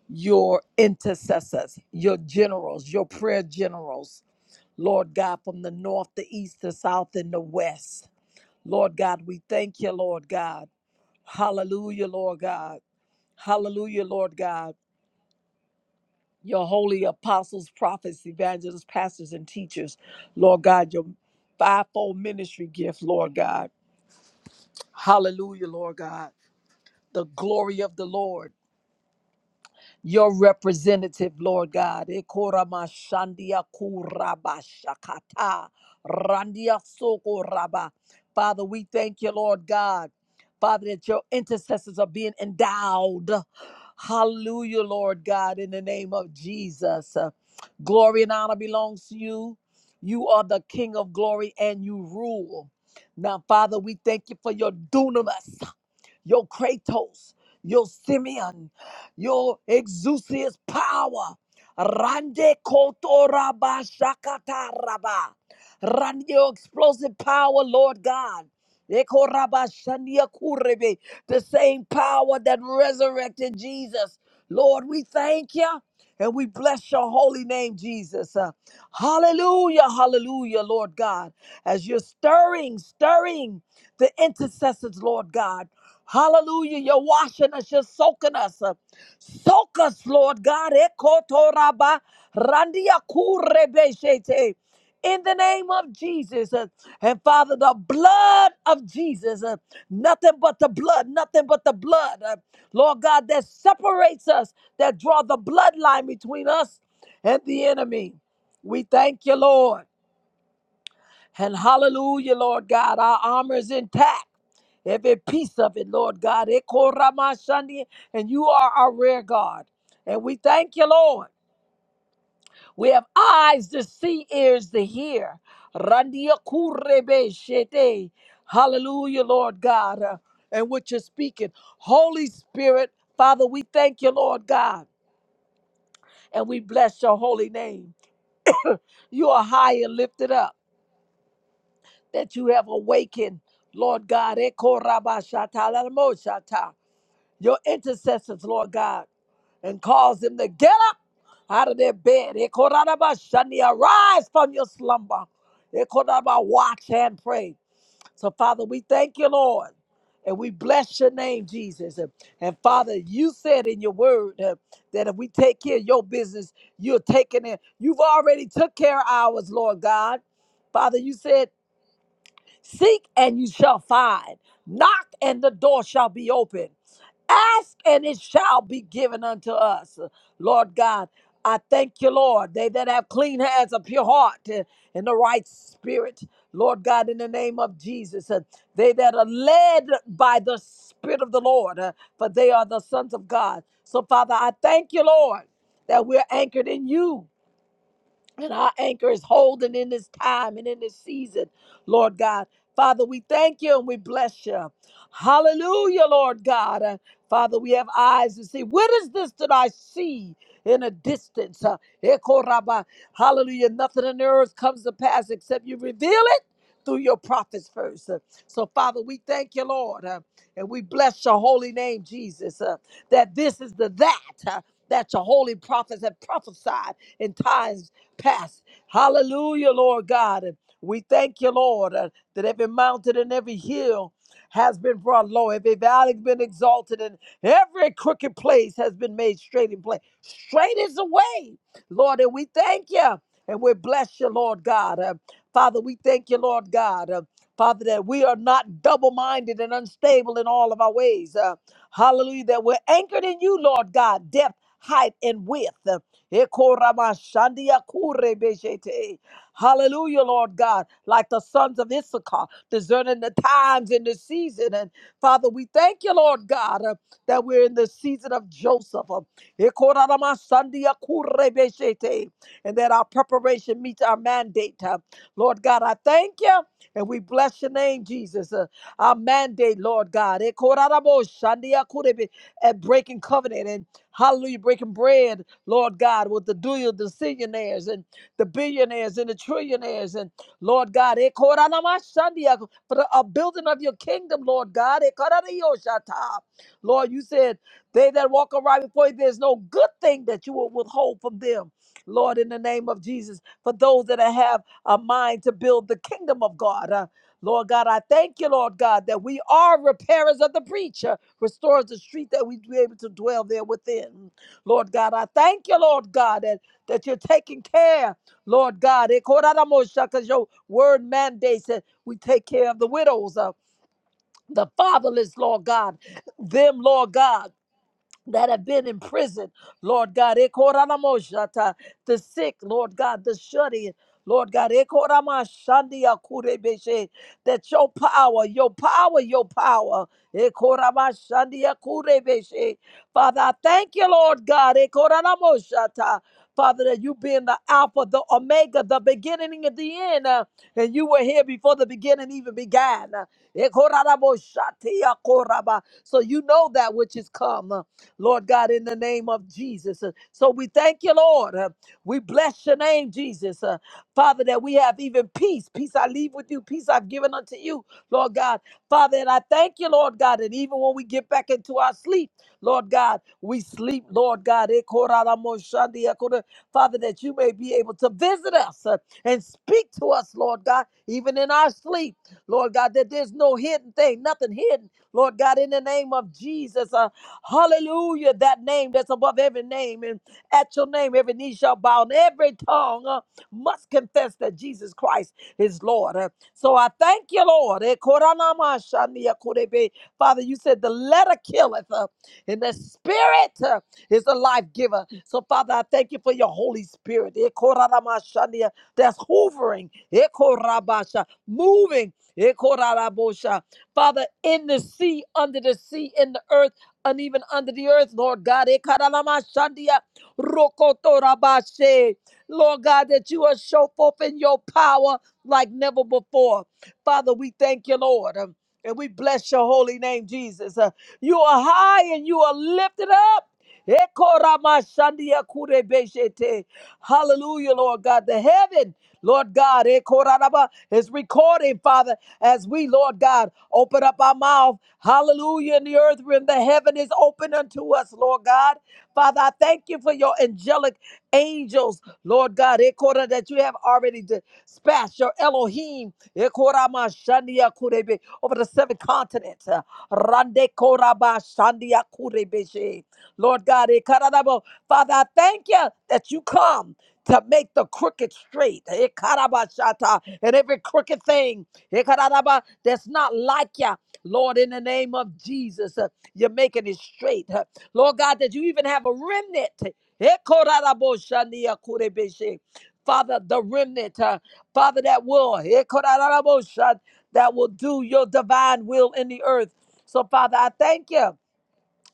Speaker 2: your intercessors, your generals, your prayer generals, Lord God, from the north, the east, the south, and the west. Lord God, we thank you, Lord God. Hallelujah, Lord God. Hallelujah, Lord God. Your holy apostles, prophets, evangelists, pastors, and teachers, Lord God, your fivefold ministry gift, Lord God. Hallelujah, Lord God. The glory of the Lord. your representative, Lord God. Ekoramashandia kurabashakata, randia sokoraba. Father, we thank you, Lord God. Father, that your intercessors are being endowed. Hallelujah, Lord God, in the name of Jesus. Uh, Glory and honor belongs to you. You are the King of glory and you rule. Now, Father, we thank you for your dunamis, your Kratos, your Simeon your exousias power. Rande kotoraba shakataraba. Rande your explosive power, Lord God. Ekoraba shania kurebe. The same power that resurrected Jesus. Lord, we thank you and we bless your holy name, Jesus. Uh, hallelujah, hallelujah, Lord God, as you're stirring, stirring the intercessors, Lord God. Hallelujah, you're washing us, you're soaking us. Uh, soak us, Lord God. Ekotoraba randiakurebeshete in the name of Jesus. Uh, And Father, the blood of Jesus, uh, nothing but the blood, nothing but the blood. Uh, Lord God, that separates us, that draw the bloodline between us and the enemy. We thank you, Lord. And hallelujah, Lord God, our armor is intact. Every piece of it, Lord God. Ekoramashandi, And you are our rear guard. And we thank you, Lord. We have eyes to see, ears to hear. Randia kurebe shete. Hallelujah, Lord God. uh, And what you're speaking. Holy Spirit, Father, we thank you, Lord God, and we bless your holy name. You are high and lifted up, that you have awakened, Lord God. Eko raba shata la mo shata. your intercessors, Lord God, and cause them to get up out of their bed. Ekorabashani, Arise from your slumber. Ekoraba, Watch and pray. So, Father, we thank you, Lord. And we bless your name, Jesus. And and Father, you said in your word uh, that if we take care of your business, you're taking it. You've already took care of ours, Lord God. Father, you said Seek and you shall find. Knock and the door shall be open. Ask and it shall be given unto us. Lord God, I thank you, Lord. They that have clean hands, a pure heart, eh, and the right spirit. Lord God, in the name of Jesus, eh, they that are led by the Spirit of the Lord, eh, for they are the sons of God. So, Father, I thank you, Lord, that we're anchored in you and our anchor is holding in this time and in this season, Lord God. Father, we thank you and we bless you. Hallelujah, Lord God. Uh, Father, we have eyes to see. What is this that I see in a distance? Uh, Ekoraba. Hallelujah. Nothing on earth comes to pass except you reveal it through your prophets first. Uh, So, Father, we thank you, Lord, uh, and we bless your holy name, Jesus, uh, that this is the that uh, that your holy prophets have prophesied in times Past, Hallelujah, Lord God. And we thank you, Lord, uh, that every mountain and every hill has been brought low, every valley has been exalted, and every crooked place has been made straight in place. Straight is the way, Lord, and we thank you. And we bless you, Lord God. Uh, Father, we thank you, Lord God. Uh, Father, that we are not double minded and unstable in all of our ways. Uh, hallelujah, that we're anchored in you, Lord God, depth, height, and width. Uh, Ekoramashandia kurebeshete. Hallelujah, Lord God, like the sons of Issachar, discerning the times and the season. And Father, we thank you, Lord God, uh, that we're in the season of Joseph. uh, Ekoramashandia kurebeshete, And that our preparation meets our mandate. uh. Lord God, I thank you and we bless your name, Jesus. Uh, our mandate, Lord God. Ekoramashandia kurebe- At breaking covenant and hallelujah, breaking bread Lord God, with the do the zillionaires and the billionaires and the trillionaires and Lord God, eh, koranamashandia, for the uh, building of your kingdom, Lord God. eh, karadiyoshata. Lord, you said they that walk aright before you, there's no good thing that you will withhold from them. Lord, in the name of Jesus, for those that have a mind to build the kingdom of God. uh, Lord God, I thank you, Lord God, that we are repairers of the breach, uh, restores the street that we be able to dwell there within. Lord God, I thank you, Lord God, that, that you're taking care, Lord God. Because your word mandates that we take care of the widows, uh, the fatherless, Lord God, them, Lord God that have been in prison, Lord God, ekoramoshata, the sick, Lord God, the shut in, Lord God, ekoramashandia kurebeshe, that your power, your power, your power, ekoramashandia kurebeshe. Father, I thank you, Lord God, ekoramoshata, Father, that you being the Alpha, the Omega, the beginning and the end, uh, and you were here before the beginning even began. Ekoramoshatia koraba. So you know that which is come. uh, Lord God, in the name of Jesus. Uh, So we thank you, Lord. Uh, We bless your name, Jesus. Uh, Father, that we have even peace. Peace I leave with you, peace I've given unto you, Lord God. Father, and I thank you, Lord God, that even when we get back into our sleep, Lord God, we sleep, Lord God. Ekoraramoshandi, ekora- Father, that you may be able to visit us uh, and speak to us, Lord God, even in our sleep. Lord God, that there's no hidden thing, nothing hidden, Lord God, in the name of Jesus. uh, Hallelujah. That name that's above every name. And at your name, every knee shall bow and every tongue uh, must confess that Jesus Christ is Lord. Uh, So I thank you, Lord. Eh, koranamashania korebe. Father, you said the letter killeth uh, and the spirit uh, is a life giver. So, Father, I thank you for your Holy Spirit eh, koranamashania, that's hovering, eh, korabasha, moving. eh, korarabosha. Father, in the sea, under the sea, in the earth and even under the earth, Lord God. Ekaralamashandia rokotorabashe. Lord God, that you are show forth in your power like never before. Father, we thank you, Lord. um, And we bless your holy name, Jesus. Uh, You are high and you are lifted up. Ekoramashandia kurebeshete. Hallelujah, Lord God. The heaven Lord God, eh, korarabah, is recording, Father, as we, Lord God, open up our mouth. Hallelujah. In the earth realm, the heaven is open unto us, Lord God. Father, I thank you for your angelic angels, Lord God, eh, korah, that you have already dispatched your Elohim eh, korah, ma, shandia, kurebe, over the seven continents. uh, rande, korah, ba, shandia, kurebe, she. Lord God, eh, kararabo. Father, I thank you that you come to make the crooked straight. Ekarabashata. And every crooked thing ekaraba, that's not like you, Lord, in the name of Jesus, uh, you're making it straight. Uh, Lord God, that you even have a remnant. Ekoraboshandiakurebeshe. Father, the remnant, uh, Father, that will, ekoraboshan, that will do your divine will in the earth. So, Father, I thank you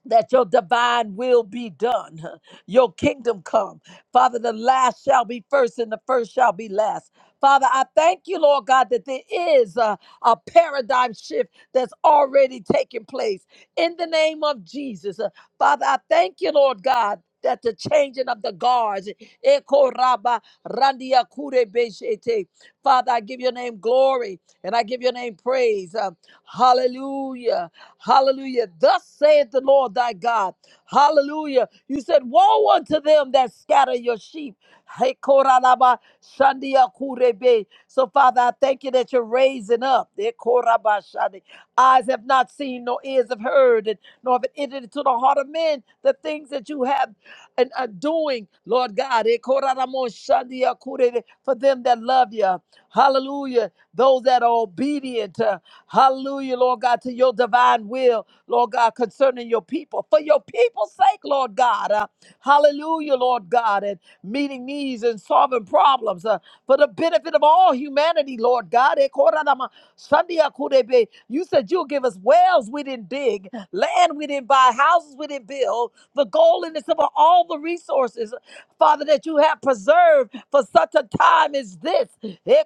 Speaker 2: that your divine will be done, your kingdom come. Father, the last shall be first and the first shall be last. Father, I thank you, Lord God, that there is a, a paradigm shift that's already taking place in the name of Jesus. Uh, Father, I thank you, Lord God. That the changing of the guards. Eko raba randia kure beshete. Father, I give your name glory and I give your name praise. Uh, hallelujah. Hallelujah. Thus saith the Lord thy God. Hallelujah. You said, Woe unto them that scatter your sheep. Hey, koralaba shandia kurebe. So, Father, I thank you that you're raising up. Eh, koraba shandi. Eyes have not seen, nor ears have heard nor have it entered into the heart of men the things that you have and are doing, Lord God. Eh, koraramo shandia kurere, For them that love you, hallelujah. Those that are obedient, uh, hallelujah, Lord God, to your divine will, Lord God, concerning your people for your people's sake, Lord God. Uh, hallelujah, Lord God, and meeting needs and solving problems uh, for the benefit of all humanity, Lord God. Eh, koradama, sandia kurebe. You said you'll give us wells we didn't dig, land we didn't buy, houses we didn't build, the gold and the silver, all the resources, Father, that you have preserved for such a time as this. Eh,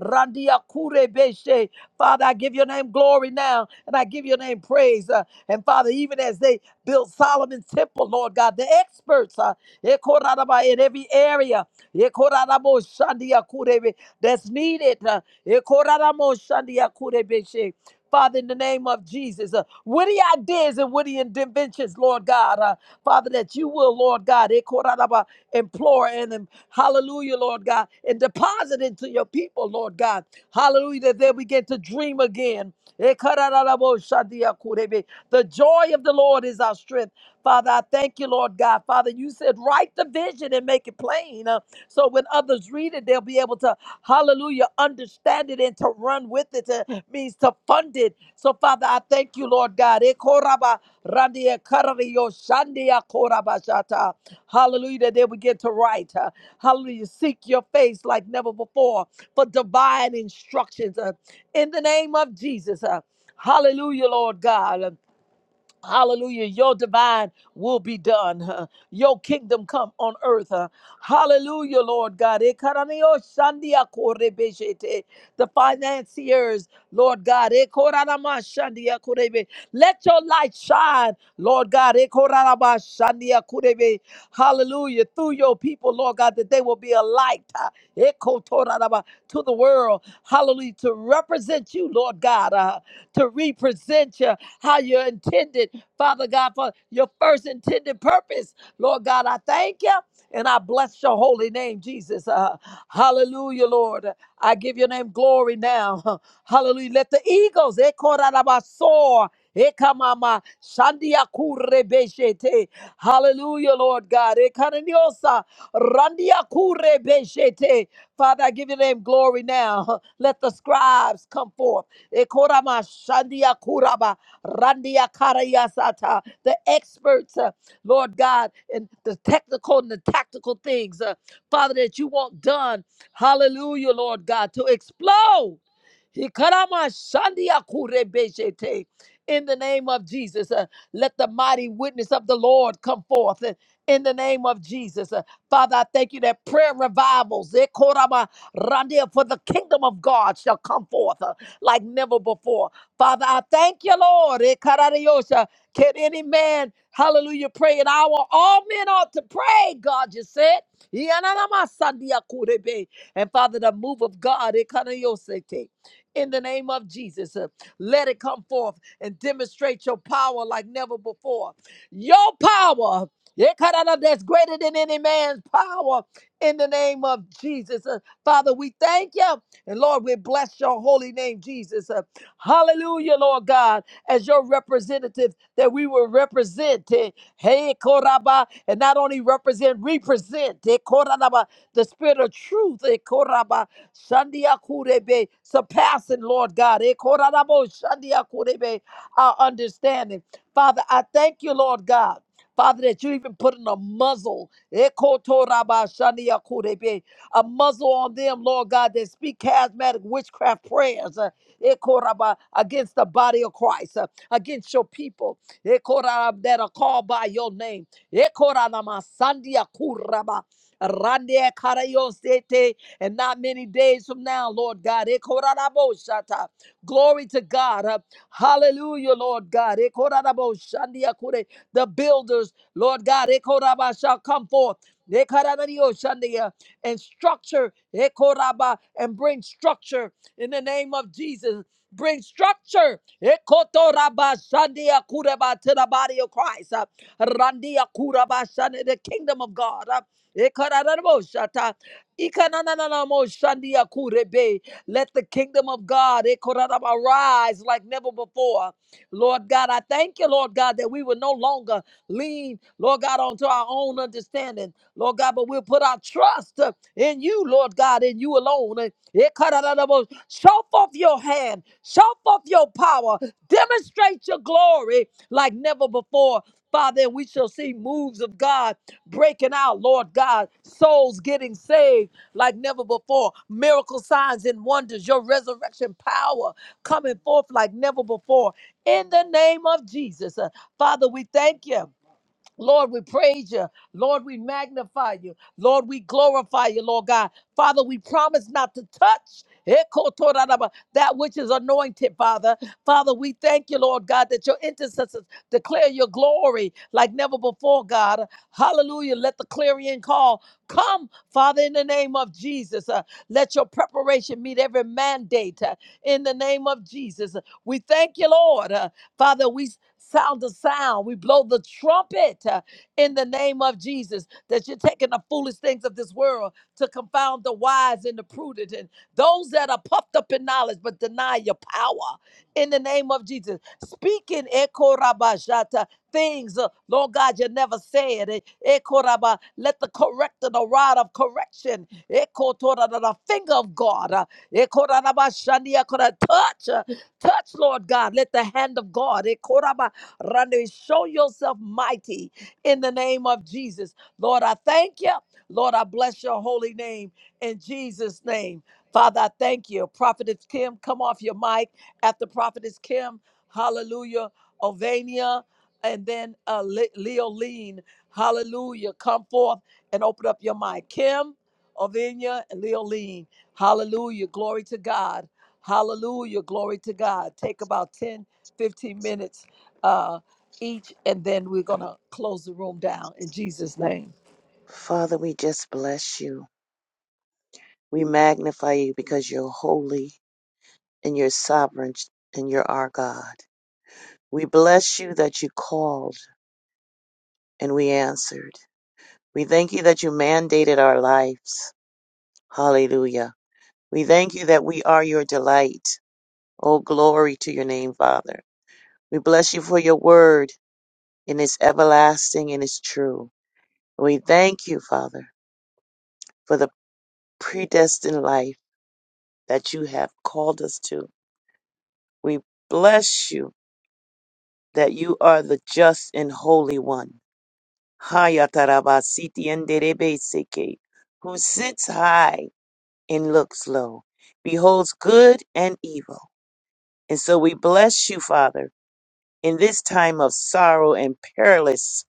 Speaker 2: randia kurebeshe. Father, I give your name glory now, and I give your name praise. uh, and Father, even as they built Solomon's temple, Lord God, the experts uh, Ekorarabah, in every area Ekorarabo shandia kurebe, that's needed. uh, Ekoraramo shandia kurebeshe. Father, in the name of Jesus, uh, witty ideas and witty inventions, Lord God, uh, Father, that you will, Lord God, eh, korarabah, implore and um, hallelujah, Lord God, and deposit into your people, Lord God, hallelujah, that they begin to dream again. Eh, korarabah, shadia kurebe. The joy of the Lord is our strength. Father, I thank you, Lord God. Father, you said, write the vision and make it plain. uh, so when others read it, they'll be able to, hallelujah, understand it and to run with it. uh, means to fund it. So, Father, I thank you, Lord God. Ekoraba randia karario shandia korabashata. Hallelujah, that they begin to write. uh, hallelujah, seek your face like never before for divine instructions. uh, in the name of Jesus. uh, Hallelujah, Lord God. Hallelujah. Your divine will be done. huh. Your kingdom come on earth. huh. Hallelujah, Lord God. Ekaranio shandia korebeshete. The financiers, Lord God. Ekoranama shandia korebe. Let your light shine, Lord God. Ekoranama shandia korebe. Hallelujah. Through your people, Lord God, that they will be a light huh, ekotoranaba, to the world. Hallelujah. To represent you, Lord God. Huh? to represent you how you intended, Father God, for your first intended purpose. Lord God, I thank you and I bless your holy name, Jesus. Uh, hallelujah, Lord. I give your name glory now. Hallelujah. Let the eagles, they call out of our soar. Ekamama Shandia Kurebeshete. Hallelujah, Lord God. Ekananiosa Randia Kurebeshete. Father, I give your name glory now. Let the scribes come forth. Ekorama Shandia Kuraba Randia Karayasata. The experts, uh, Lord God, in the technical and the tactical things, uh, Father, that you want done. Hallelujah, Lord God, to explode. Hikarama shandia kurebeshete in the name of Jesus. Uh, let the mighty witness of the Lord come forth uh, in the name of Jesus. Uh, Father, I thank you that prayer revivals eh, korama randia, for the kingdom of God shall come forth uh, like never before. Father, I thank you, Lord. eh, karadiosha. Can any man, hallelujah, pray an hour? All men ought to pray, God, you said. Yananamasandiakurebe. And Father, the move of God, eh, karadiosete. in the name of Jesus, uh, let it come forth and demonstrate your power like never before. Your power. Yekarada, That's greater than any man's power in the name of Jesus. Uh, Father, we thank you. And Lord, we bless your holy name, Jesus. Uh, hallelujah, Lord God, as your representatives that we will represent. eh, Hey, Koraba, and not only represent, represent eh, Koraba, the spirit of truth. eh, Koraba, Shandia Kurebe, surpassing, Lord God. eh, Korabo, Shandia Kurebe, our understanding. Father, I thank you, Lord God. Father, that you even put in a muzzle, Ekotorabashaniakurebe, a muzzle on them, Lord God, that speak charismatic witchcraft prayers uh, Ekoraba, against the body of Christ, uh, against your people Ekorab, that are called by your name. Ekoranamasaniakuraba, randekarayosete, And not many days from now, Lord God. Ekoranabo shata. Glory to God. uh, Hallelujah, Lord God. Ekorarabo shandiakure. The builders, Lord God, ekoraba shall come forth. Ekaranadio shandia. And structure, ekoraba, and bring structure in the name of Jesus. Bring structure ekotoraba shandiakureba, to the body of Christ. Uh, randiakuraba shandi- The kingdom of God. Uh, ekararabo shata. Ikanananamo shandiakurebe. Let the kingdom of God eh, arise like never before. Lord God, I thank you, Lord God, that we will no longer lean, Lord God, onto our own understanding, Lord God, but we'll put our trust uh, in you, Lord God, in you alone. And eh, Show forth your hand, show forth your power, demonstrate your glory like never before. Father, and we shall see moves of God breaking out, Lord God, souls getting saved like never before. Miracle signs and wonders, your resurrection power coming forth like never before. In the name of Jesus, Uh, Father, we thank you. Lord, we praise you. Lord, we magnify you. Lord, we glorify you, Lord God. Father, we promise not to touch ekotoraraba, that which is anointed, Father. Father, we thank you, Lord God, that your intercessors declare your glory like never before, God. Hallelujah. Let the clarion call come, Father, in the name of Jesus. Uh, let your preparation meet every mandate uh, in the name of Jesus. We thank you, Lord. uh, Father, we sound the sound. We blow the trumpet uh, in the name of Jesus that you're taking the foolish things of this world to confound the wise and the prudent and those that are puffed up in knowledge but deny your power in the name of Jesus. Speaking Ekorabashata, things, uh, Lord God, you never said. Eh, Ekoraba, let the corrector, the rod of correction, Ekotora, the the finger of God, uh, Ekorabashandia, could touch. uh, Touch, Lord God. Let the hand of God eh, koraba, rande, show yourself mighty in the name of Jesus. Lord, I thank you. Lord, I bless your holy name in Jesus' name. Father, I thank you. Prophetess Kim, come off your mic after Prophetess Kim. Hallelujah. Ovania and then uh, Le- Leoline. Hallelujah. Come forth and open up your mind. Kim, Ovinia, and Leoline. Hallelujah. Glory to God. Hallelujah. Glory to God. Take about 10, 15 minutes uh, each, and then we're going to close the room down in Jesus' name.
Speaker 3: Father, we just bless you. We magnify you because you're holy and you're sovereign and you're our God. We bless you that you called and we answered. We thank you that you mandated our lives. Hallelujah. We thank you that we are your delight. Oh, glory to your name, Father. We bless you for your word and it's everlasting and it's true. We thank you, Father, for the predestined life that you have called us to. We bless you that you are the just and holy one. Hayatarabasiti Who sits high and looks low, beholds good and evil. And so we bless you, Father, in this time of sorrow and perilous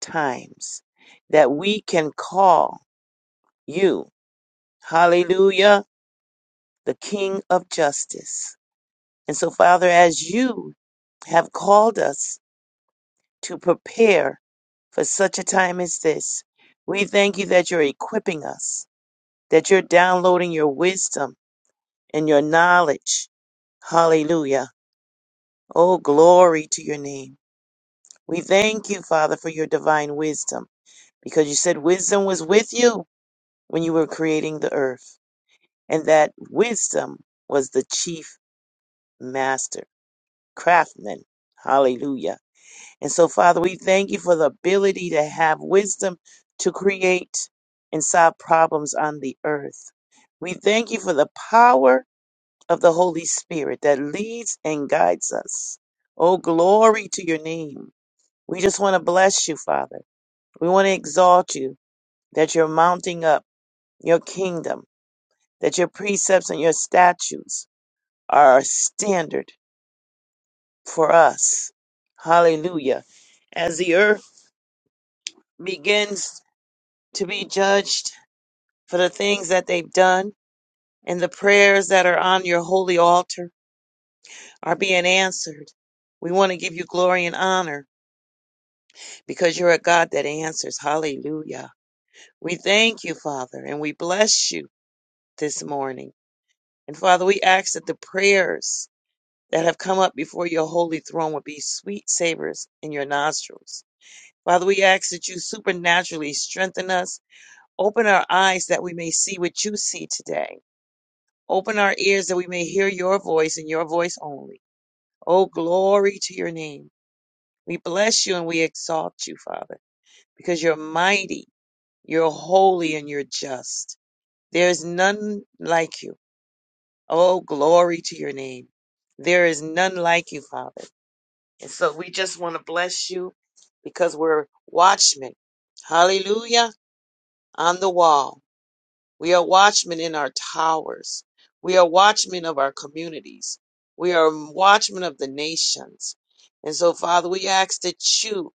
Speaker 3: times, that we can call you, hallelujah, the King of justice. And so, Father, as you have called us to prepare for such a time as this. We thank you that you're equipping us, that you're downloading your wisdom and your knowledge. Hallelujah. Oh, glory to your name. We thank you, Father, for your divine wisdom, because you said wisdom was with you when you were creating the earth, and that wisdom was the chief master, craftsman. Hallelujah. And so, Father, we thank you for the ability to have wisdom to create and solve problems on the earth. We thank you for the power of the Holy Spirit that leads and guides us. Oh, glory to your name. We just want to bless you, Father. We want to exalt you that you're mounting up your kingdom, that your precepts and your statutes are a standard for us. Hallelujah. As the earth begins to be judged for the things that they've done and the prayers that are on your holy altar are being answered. We want to give you glory and honor because you're a God that answers. Hallelujah. We thank you, Father, and we bless you this morning. And Father, we ask that the prayers that have come up before your holy throne would be sweet savors in your nostrils. Father, we ask that you supernaturally strengthen us. Open our eyes that we may see what you see today Open our ears that we may hear your voice and your voice only. Oh, glory to your name. We bless you and we exalt you, Father, because you're mighty, you're holy, and you're just. There is none like you. Oh, glory to your name. There is none like you, Father. And so we just want to bless you because we're watchmen. Hallelujah. On the wall. We are watchmen in our towers. We are watchmen of our communities. We are watchmen of the nations. And so, Father, we ask that you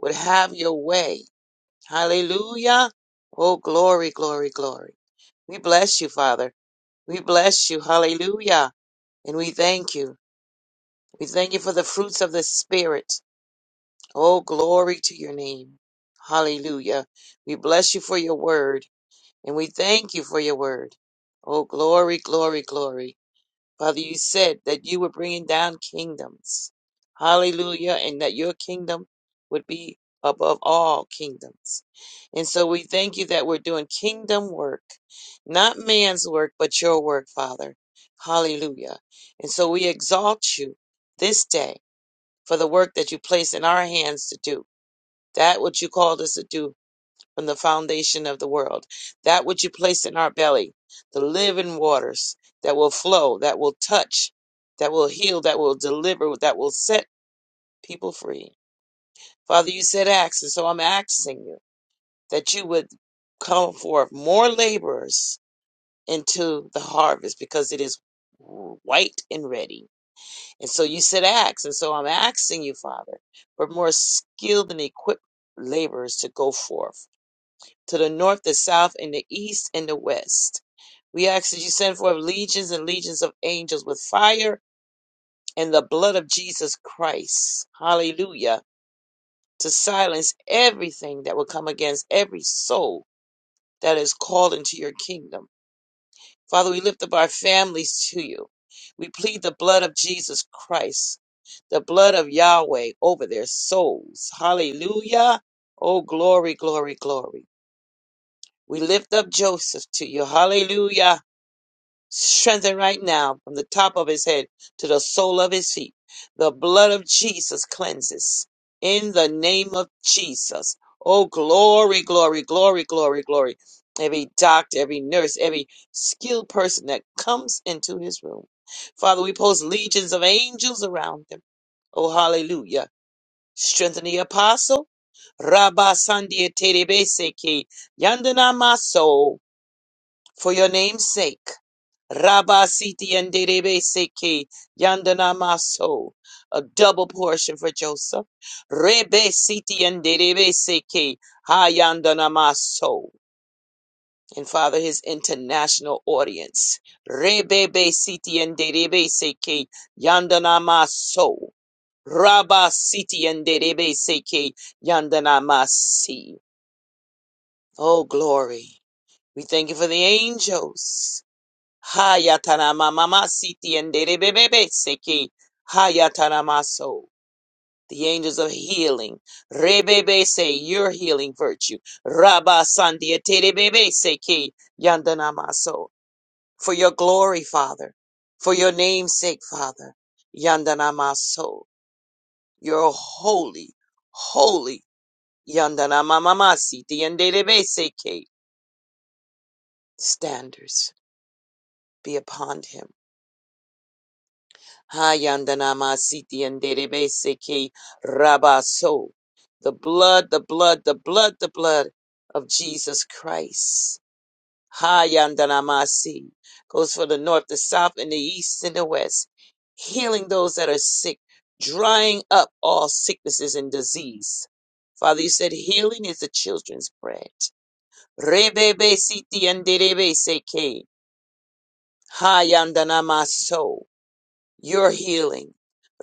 Speaker 3: would have your way. Hallelujah. Oh, glory, glory, glory. We bless you, Father. We bless you. Hallelujah. And we thank you. We thank you for the fruits of the Spirit. Oh, glory to your name. Hallelujah. We bless you for your word. And we thank you for your word. Oh, glory, glory, glory. Father, you said that you were bringing down kingdoms. Hallelujah. And that your kingdom would be above all kingdoms. And so we thank you that we're doing kingdom work, not man's work, but your work, Father. Hallelujah. And so we exalt you this day for the work that you place in our hands to do, that which you called us to do from the foundation of the world. That which you place in our belly, the living waters that will flow, that will touch, that will heal, that will deliver, that will set people free. Father, you said ask, and so I'm asking you that you would come forth more laborers into the harvest because it is white and ready. And so you said ask, and so I'm asking you, Father, for more skilled and equipped laborers to go forth to the north, the south, and the east, and the west. We ask that you send forth legions and legions of angels with fire and the blood of Jesus Christ. Hallelujah. To silence everything that will come against every soul that is called into your kingdom. Father, we lift up our families to you. We plead the blood of Jesus Christ, the blood of Yahweh over their souls. Hallelujah. Oh, glory, glory, glory. We lift up Joseph to you. Hallelujah. Strengthen right now from the top of his head to the sole of his feet. The blood of Jesus cleanses in the name of Jesus. Oh, glory, glory, glory, glory, glory. Every doctor, every nurse, every skilled person that comes into his room. Father, we post legions of angels around them. Oh, hallelujah. Strengthen the apostle. Rabba Sandia Terebeseke Yandana Maso for your name's sake. Rabasiti and Derebe Seke Yandanamaso. A double portion for Joseph. Rebe Siti and Derebe Seke Hayandanamaso. And Father, his international audience. Rebebe Siti and Derebe Seke Yandanamaso. Rabba Siti and Derebe Seke Yandanamasi. Oh, glory. We thank you for the angels. Hayatarama mama siti enderebebebe seki. Hayataramaso. The angels of healing. Rebebe say your healing virtue. Rabba sandiaterebebe seki. Yandanamaso. For your glory, Father. For your name's sake, Father. Yandanamaso. You're holy, holy. Yandanamamamasi siti enderebe seki. Standards be upon him Hayandanamasiti anderebe seki Rabaso. The blood, the blood, the blood, the blood of Jesus Christ. Hayandanamasi goes for the north, the south, and the east and the west, healing those that are sick, drying up all sicknesses and disease. Father, you said healing is the children's bread. Rebebe Rebebesiti and Derebeseke Hayandanamaso your healing.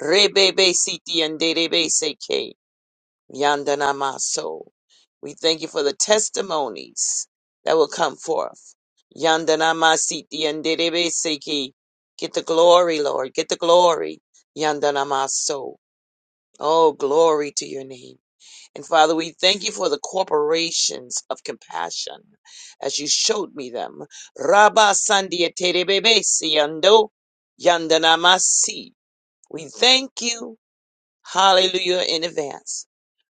Speaker 3: Rebebe siti and derebe seke yandana maso. We thank you for the testimonies that will come forth. Yandana masiti and derebe seke. Get the glory, Lord. Get the glory. Yandana maso. Oh, glory to your name. And Father, we thank you for the corporations of compassion as you showed me them. Rabba sandia terebebe siando yandana masi. We thank you, hallelujah, in advance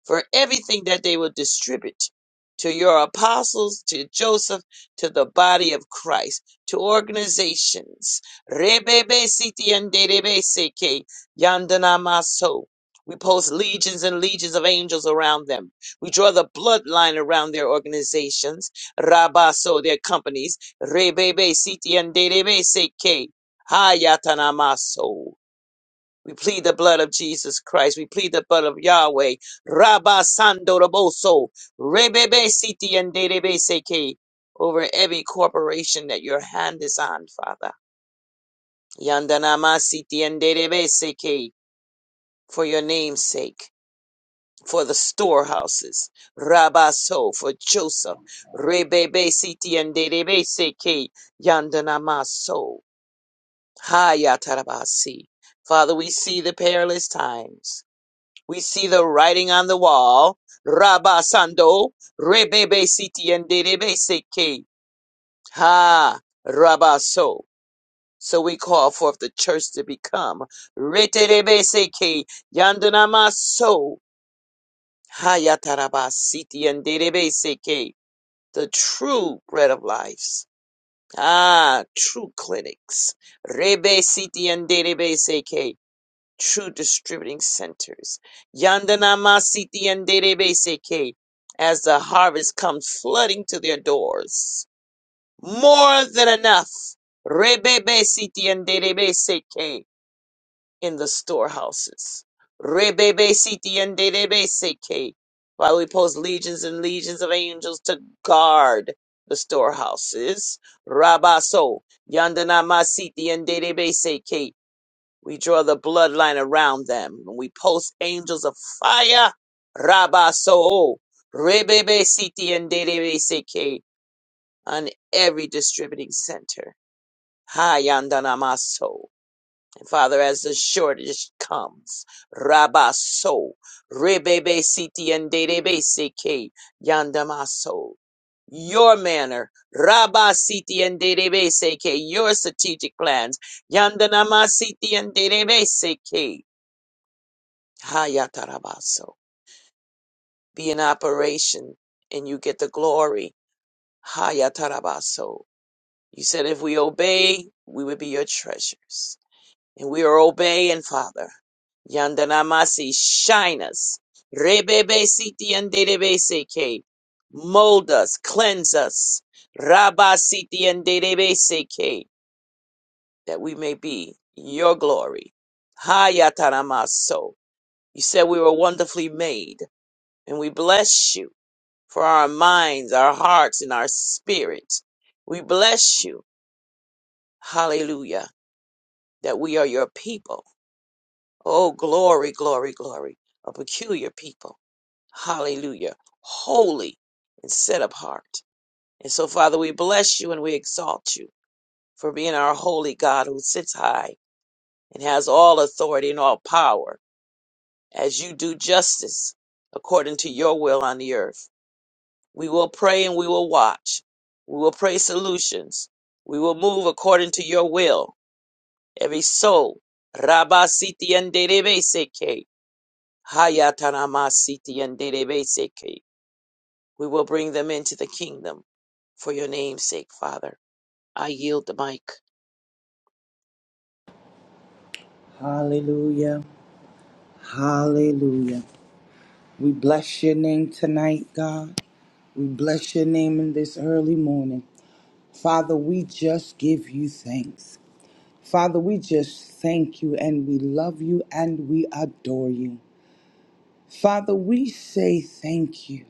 Speaker 3: for everything that they will distribute to your apostles, to Joseph, to the body of Christ, to organizations. Rebebe siti and derebe seke, yandana maso. We post legions and legions of angels around them. We draw the bloodline around their organizations, Rabaso, their companies, Rebebe Siti and Derebe Seke, Hayatanamaso. We plead the blood of Jesus Christ. We plead the blood of Yahweh. Rabba Sando Raboso. Rebebe Siti and Derebe Seke. Over every corporation that your hand is on, Father. Yandanama Siti and Derebe Seke. For your name's sake. For the storehouses. Rabba So. For Joseph. Rebebe Siti and Derebe Seke. Yandanama So. Hayatarabasi. Father, we see the perilous times. We see the writing on the wall. Rabasando, rebebe siti and derebe seke. Ha, rabaso. So So we call forth the church to become reterebe seke, yandanamaso, hayatarabasiti and derebe seke. The true bread of lives. Ah, true clinics. Rebe siti and derebe seke. True Distributing Centers. Yandanamasiti and Derebeseke as the harvest comes flooding to their doors. More than enough. Rebebesiti and Derebeseke in the storehouses. Rebebesiti and Derebeseke. While we post legions and legions of angels to guard the storehouses. Rabaso. Yandanamasiti and Derebeseke. We draw the bloodline around them. and We post angels of fire. Rabba Soho. Rebebe Siti and Derebe Seke on every distributing center. Hayandanamaso. And Father, as the shortage comes, Rabba So. Rebebe Siti and Derebe Seke Yandamaso. Your manner, Rabba Siti and Derebe Seke, your strategic plans, Yandanamasiti and Derebe Seke. Hayatarabaso. Be in operation and you get the glory. Hayatarabaso. You said if we obey, we would be your treasures. And we are obeying, Father. Yandanamasi, shine us. Rebebe siti yanderebe seke. Mold us, cleanse us. Rabba siti yanderebe seke. That we may be your glory. Hayataramaso. You said we were wonderfully made and we bless you. for our minds, our hearts, and our spirit. We bless you. Hallelujah. That we are your people. Oh, glory, glory, glory. A peculiar people. Hallelujah. Holy and set apart. And so, Father, we bless you and we exalt you for being our holy God who sits high and has all authority and all power as you do justice according to your will on the earth. We will pray and we will watch. We will pray solutions. We will move according to your will. Every soul. Rabba siti yanderebe seke. Hayatanama siti yanderebe seke. We will bring them into the kingdom for your name's sake, Father. I yield the mic.
Speaker 4: Hallelujah. Hallelujah. We bless your name tonight, God. We bless your name in this early morning. Father, we just give you thanks. Father, we just thank you and we love you and we adore you. Father, we say thank you.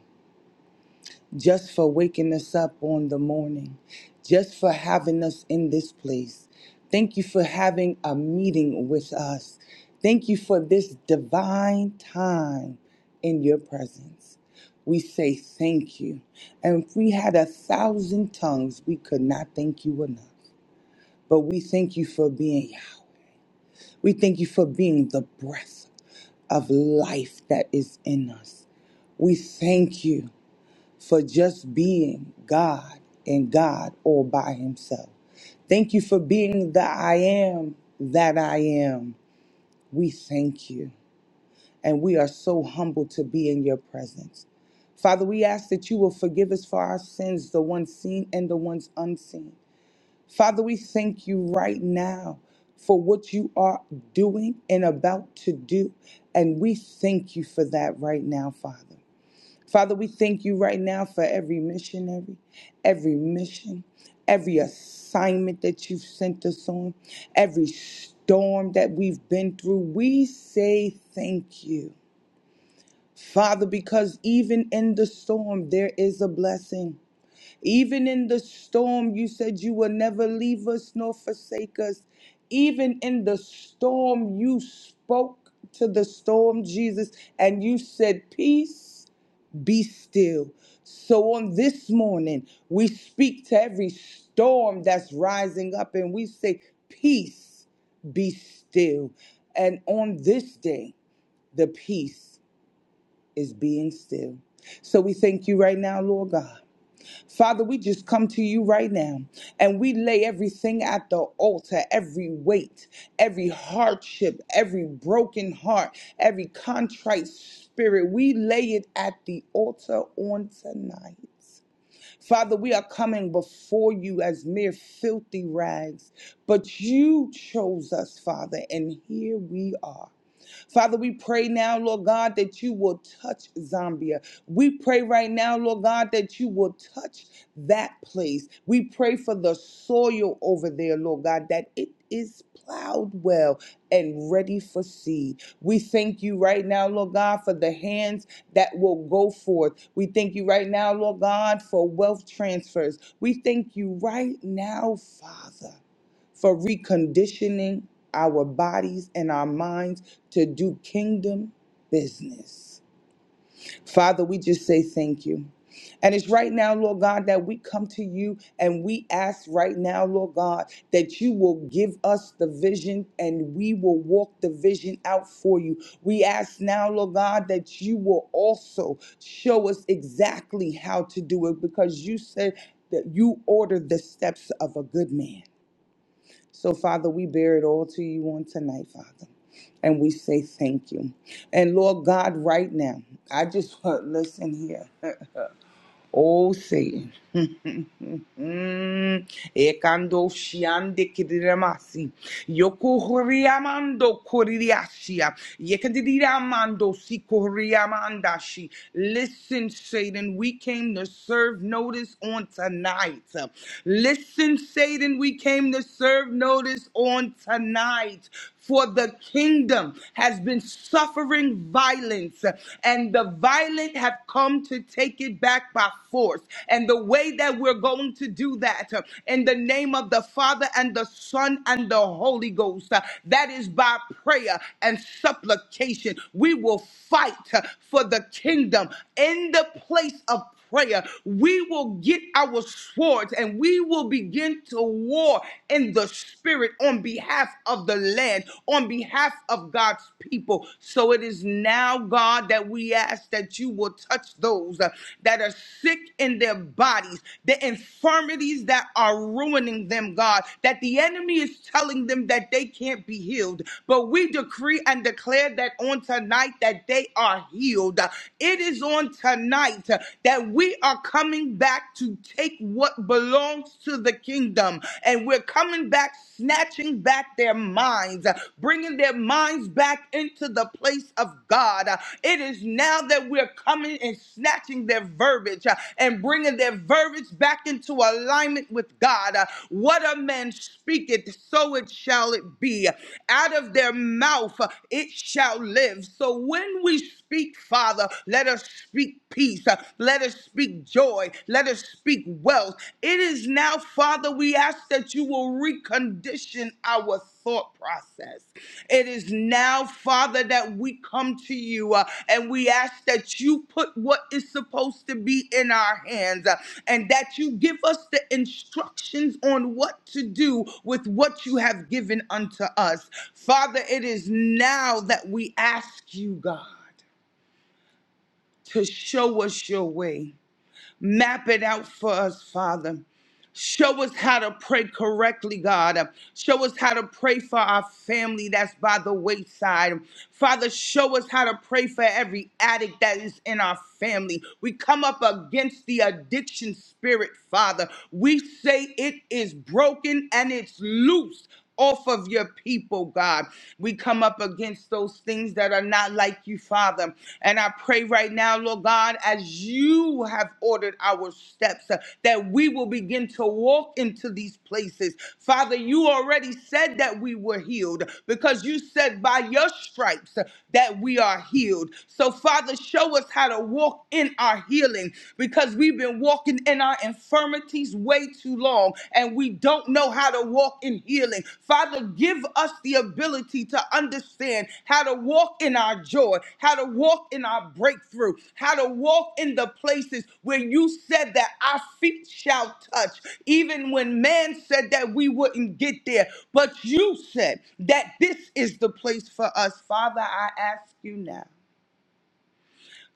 Speaker 4: just for waking us up on the morning, just for having us in this place. Thank you for having a meeting with us. Thank you for this divine time in your presence. We say thank you. And if we had a thousand tongues, we could not thank you enough. But we thank you for being Yahweh. We thank you for being the breath of life that is in us. We thank you for just being God and God all by Himself. Thank you for being the I am that I am. We thank you. And we are so humbled to be in your presence. Father, we ask that you will forgive us for our sins, the ones seen and the ones unseen. Father, we thank you right now for what you are doing and about to do. And we thank you for that right now, Father. Father, we thank you right now for every missionary, every mission, every assignment that you've sent us on, every storm that we've been through. We say thank you. Father, because even in the storm, there is a blessing. Even in the storm, you said you will never leave us nor forsake us. Even in the storm, you spoke to the storm, Jesus, and you said, Peace be still. So on this morning, we speak to every storm that's rising up and we say, Peace be still. And on this day, the peace is being still. So we thank you right now, Lord God. Father, we just come to you right now and we lay everything at the altar every weight, every hardship, every broken heart, every contrite spirit. We lay it at the altar on tonight. Father, we are coming before you as mere filthy rags, but you chose us, Father, and here we are. Father, we pray now, Lord God, that you will touch Zambia. We pray right now, Lord God, that you will touch that place. We pray for the soil over there, Lord God, that it is plowed well and ready for seed. We thank you right now, Lord God, for the hands that will go forth. We thank you right now, Lord God, for wealth transfers. We thank you right now, Father for reconditioning our bodies and our minds to do kingdom business. Father, we just say thank you. And it's right now, Lord God, that we come to you and we ask right now, Lord God, that you will give us the vision and we will walk the vision out for you. We ask now, Lord God, that you will also show us exactly how to do it because you said that you ordered the steps of a good man. So, Father, we bear it all to you on tonight, Father. And we say thank you. And Lord God, right now, I just want, listen here. Oh, Satan. Mm, Ekando shiande kidiramasi. Yokuriamando kuriashia. Yekadiramando sikuriamandashi. Listen, Satan, we came to serve notice on tonight. Listen, Satan, we came to serve notice on tonight. For the kingdom has been suffering violence, and the violent have have come to take it back by force. And the way that we're going to do that uh, in the name of the Father and the Son and the Holy Ghost, uh, that is by prayer and supplication. We will fight uh, for the kingdom in the place of prayer, we will get our swords and we will begin to war in the spirit on behalf of the land, on behalf of God's people. So it is now, God, that we ask that you will touch those uh, that are sick in their bodies, the infirmities that are ruining them, God, that the enemy is telling them that they can't be healed. But we decree and declare that on tonight that they are healed. It is on tonight tonight uh, that we are coming back to take what belongs to the kingdom. And we're coming back, snatching back their minds, uh, bringing their minds back into the place of God. Uh, It is now that we're coming and snatching their verbiage uh, and bringing their verbiage back into alignment with God. Uh, What a man speaketh, so it shall it be. Out of their mouth, uh, it shall live. So when we speak, Father. Let us speak peace. Uh, Let us speak joy. Let us speak wealth. It is now, Father, we ask that you will recondition our thought process. It is now, Father, that we come to you uh, and we ask that you put what is supposed to be in our hands uh, and that you give us the instructions on what to do with what you have given unto us. Father, it is now that we ask you, God to show us your way. Map it out for us, Father. Show us how to pray correctly, God. Show us how to pray for our family that's by the wayside. Father, show us how to pray for every addict that is in our family. We come up against the addiction spirit, Father. We say it is broken and it's loose off of your people, God. We come up against those things that are not like you, Father. And I pray right now, Lord God, as you have ordered our steps, uh, that we will begin to walk into these places. Father, you already said that we were healed because you said by your stripes uh, that we are healed. So, Father, show us how to walk in our healing because we've been walking been in our infirmities way too long and we don't know how to walk in healing. Father, give us the ability to understand how to walk in our joy, how to walk in our breakthrough, how to walk in the places where you said that our feet shall touch, even when man said that we wouldn't get there. But you said that this is the place for us. Father, I ask you now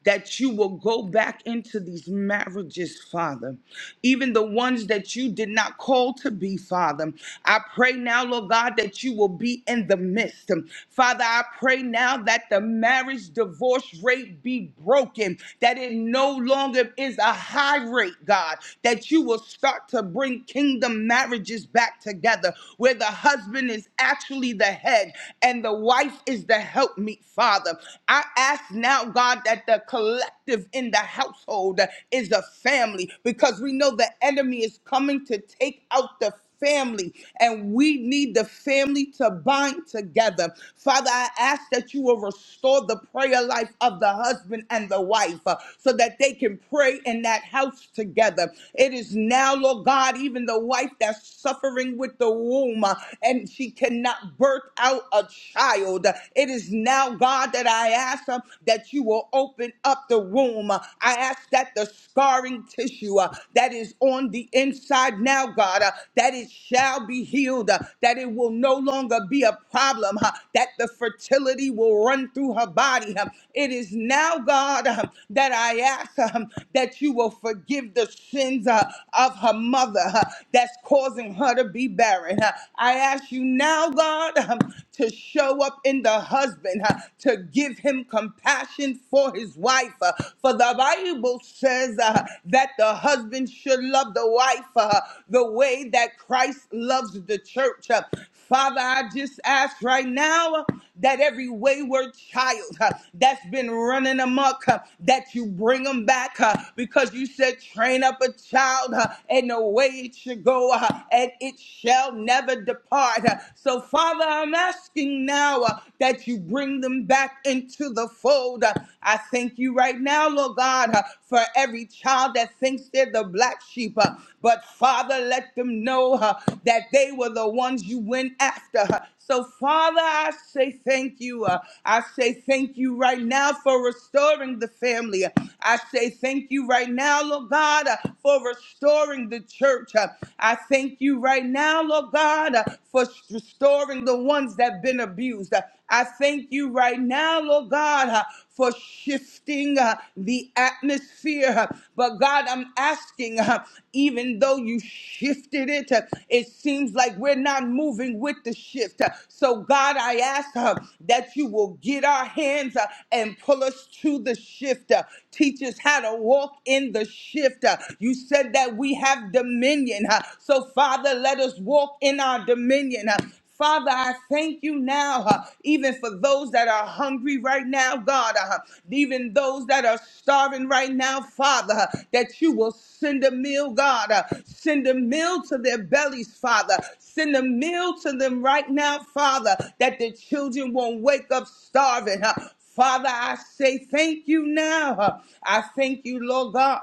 Speaker 4: that you will go back into these marriages, Father, even the ones that you did not call to be, Father. I pray now, Lord God, that you will be in the midst. Father, I pray now that the marriage divorce rate be broken, that it no longer is a high rate, God, that you will start to bring kingdom marriages back together where the husband is actually the head and the wife is the helpmeet, Father. I ask now, God, that the collective in the household is a family because we know the enemy is coming to take out the family and we need the family to bind together. Father, I ask that you will restore the prayer life of the husband and the wife uh, so that they can pray in that house together. It is now, Lord God, even the wife that's suffering with the womb uh, and she cannot birth out a child. It is now, God, that I ask ask uh, that you will open up the womb. Uh, I ask that the scarring tissue uh, that is on the inside now, God, uh, that it shall be healed, uh, that it will no longer be a problem, uh, that the fertility will run through her body. uh. It is now, God, uh, that I ask uh, that you will forgive the sins uh, of her mother uh, that's causing her to be barren. uh. I ask you now, God, uh, to show up in the husband, uh, to give him compassion for his wife. Uh, For the Bible says uh, that the husband should love the wife uh, the way that Christ loves the church. Uh, Father, I just ask right now that every wayward child uh, that's been running amok, uh, that you bring them back uh, because you said, train up a child uh, in the way it should go uh, and it shall never depart. Uh, So, Father, I'm asking now uh, that you you bring them back into the fold. Uh, I thank you right now, Lord God, uh, for every child that thinks they're the black sheep. uh, But Father, let them know uh, that they were the ones you went after. uh. So, Father, I say thank you. uh, I say thank you right now for restoring the family. I say thank you right now, Lord God, uh, for restoring the church. Uh, I thank you right now, Lord God, uh, for s- restoring the ones that have been abused. Uh, I thank you right now, Lord God, uh, for shifting uh, the atmosphere. uh, But God, I'm asking, uh, even though you shifted it, uh, it seems like we're not moving with the shift. Uh, So, God, I ask uh, that you will get our hands uh, and pull us to the shift. uh, Teach us how to walk in the shift. uh, You said that we have dominion. uh, So, Father, let us walk in our dominion. uh, Father, I thank you now, uh, even for those that are hungry right now, God, uh, even those that are starving right now, Father, uh, that you will send a meal, God. uh, send a meal to their bellies, Father. Send a meal to them right now, Father, that the children won't wake up starving. uh, Father, I say thank you now. I thank you, Lord God,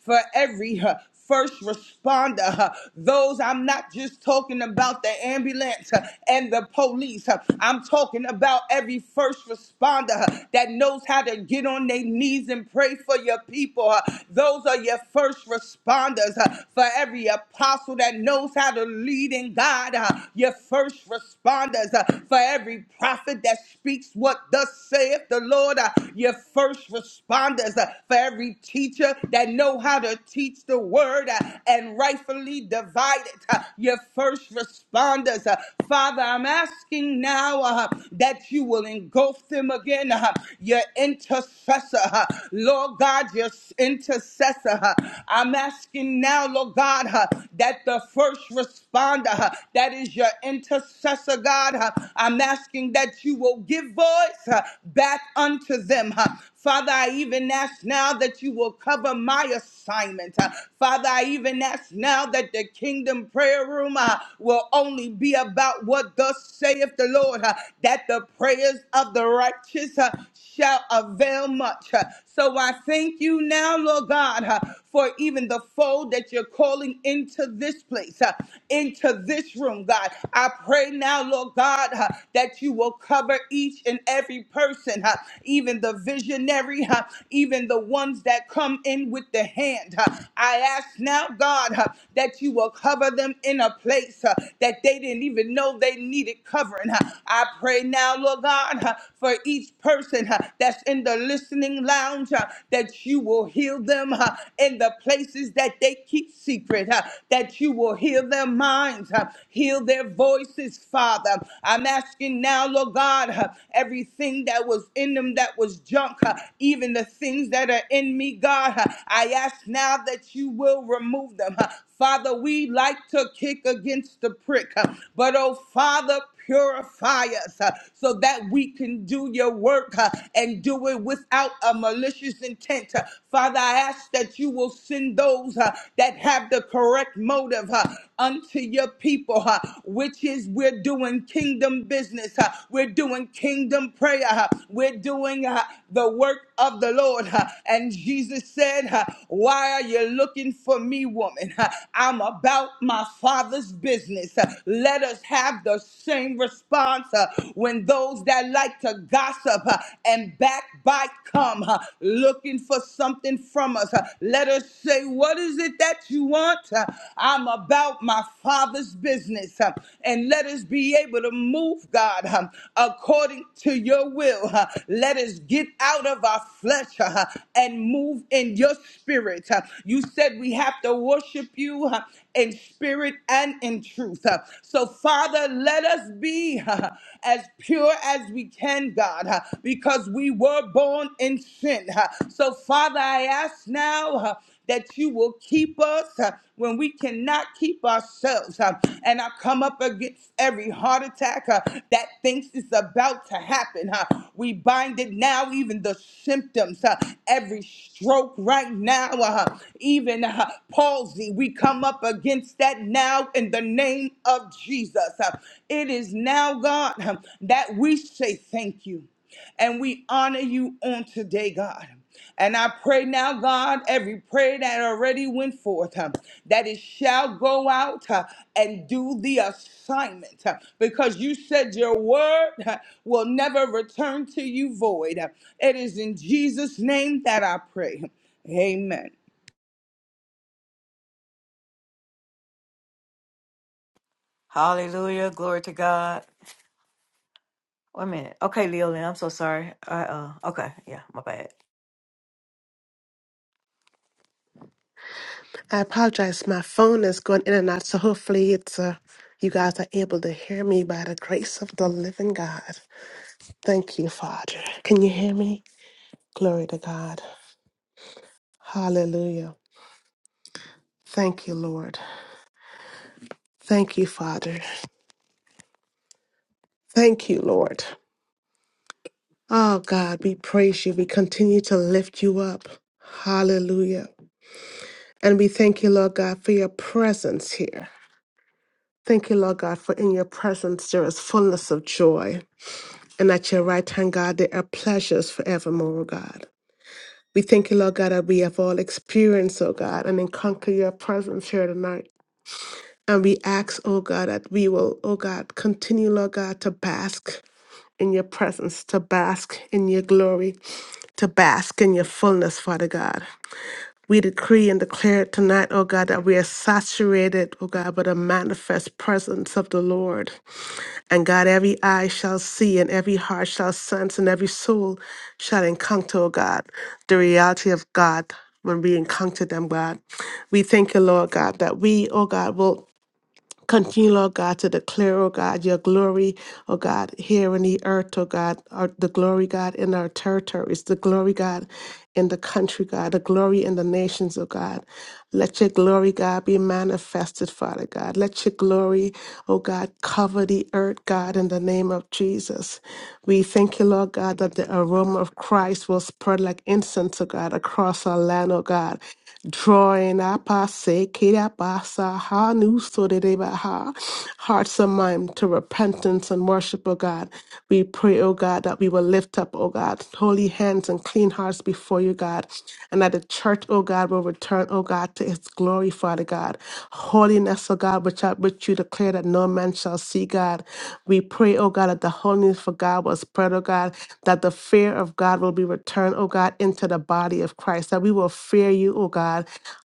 Speaker 4: for every uh, first responder, uh, those I'm not just talking about the ambulance uh, and the police. uh, I'm talking about every first responder uh, that knows how to get on their knees and pray for your people. uh, Those are your first responders. uh, For every apostle that knows how to lead in God, uh, your first responders. uh, For for every prophet that speaks what thus saith the Lord, uh, your first responders, uh, for every teacher that know how to teach the word uh, and rightfully divide it, uh, your first responders. uh, Father, I'm asking now uh, that you will engulf them again, uh, your intercessor, uh, Lord God, your s- intercessor. uh, I'm asking now, Lord God, uh, that the first responder, uh, uh, that is your intercessor, God. uh, I'm asking that you will give voice uh, back unto them. uh. Father, I even ask now that you will cover my assignment. uh. Father, I even ask now that the kingdom prayer room uh, will only be about what thus saith the Lord, uh, that the prayers of the righteous uh, shall avail much. So I thank you now, Lord God, uh, for even the fold that you're calling into this place, uh, into this room, God. I pray now, Lord God, uh, that you will cover each and every person, uh, even the visionary, uh, even the ones that come in with the hand. uh. I ask now, God, uh, that you will cover them in a place uh, that they didn't even know they needed covering. uh. I pray now, Lord God. God, uh, for each person uh, that's in the listening lounge, uh, that you will heal them uh, in the places that they keep secret, uh, that you will heal their minds, uh, heal their voices, Father. I'm asking now, Lord God, uh, everything that was in them that was junk, uh, even the things that are in me, God, uh, I ask now that you will remove them. uh, Father, we like to kick against the prick, uh, but oh, Father, purify us uh, so that we can do your work uh, and do it without a malicious intent. Uh, Father, I ask that you will send those uh, that have the correct motive uh, unto your people, uh, which is we're doing kingdom business, uh, we're doing kingdom prayer, uh, we're doing uh, the work of the Lord. uh, And Jesus said, uh, Why are you looking for me, woman? Uh, I'm about my father's business. uh, let us have the same response uh, when those that like to gossip uh, and backbite come uh, looking for something from us. uh, Let us say, What is it that you want? Uh, I'm about my Father's business. uh, And let us be able to move, God, um, according to your will. uh, Let us get out of our flesh uh, and move in your spirit. uh, You said we have to worship you uh, in spirit and in truth. Uh, So, Father, let us be uh, as pure as we can, God, uh, because we were born in sin. Uh, So, Father, I ask now uh, that you will keep us uh, when we cannot keep ourselves. uh, And I come up against every heart attack uh, that thinks it's about to happen. uh, We bind it now, even the symptoms, uh, every stroke right now, uh, even uh, palsy. We come up against that now in the name of Jesus. Uh, It is now, God, uh, that we say thank you and we honor you on today, God. And I pray now, God, every prayer that already went forth, uh, that it shall go out uh, and do the assignment. uh, because you said your word uh, will never return to you void. It is in Jesus' name that I pray. Amen.
Speaker 1: Hallelujah. Glory to God. Wait a minute. Okay, Leolyn, I'm so sorry. I uh okay, yeah, my bad.
Speaker 5: I apologize. My phone is going in and out, so hopefully it's uh, you guys are able to hear me by the grace of the living God. Thank you, Father. Can you hear me? Glory to God. Hallelujah. Thank you, Lord. Thank you, Father. Thank you, Lord. Oh God, we praise you. We continue to lift you up. Hallelujah. And we thank you, Lord God, for your presence here. Thank you, Lord God, for in your presence there is fullness of joy. And at your right hand, God, there are pleasures forevermore, oh God. We thank you, Lord God, that we have all experienced, oh God, and encounter your presence here tonight. And we ask, oh God, that we will, oh God, continue, Lord God, to bask in your presence, to bask in your glory, to bask in your fullness, Father God. We decree and declare tonight, oh God, that we are saturated, oh God, by the manifest presence of the Lord. And God, every eye shall see, and every heart shall sense, and every soul shall encounter, oh God, the reality of God when we encounter them, God. We thank you, Lord God, that we, oh God, will Continue, Lord God, to declare, oh God, your glory, oh God, here in the earth, oh God, our, the glory, God, in our territories, the glory, God, in the country, God, the glory in the nations, oh God. Let your glory, God, be manifested, Father God. Let your glory, oh God, cover the earth, God, in the name of Jesus. We thank you, Lord God, that the aroma of Christ will spread like incense, oh God, across our land, oh God drawing up our sake, kirabasa, ha, nu, so hearts and mind to repentance and worship, O God. We pray, O God, that we will lift up, O God, holy hands and clean hearts before you, God, and that the church, O God, will return, O God, to its glory, Father God. Holiness, O God, which, I, which you declare that no man shall see, God. We pray, O God, that the holiness for God will spread, O God, that the fear of God will be returned, O God, into the body of Christ, that we will fear you, oh God.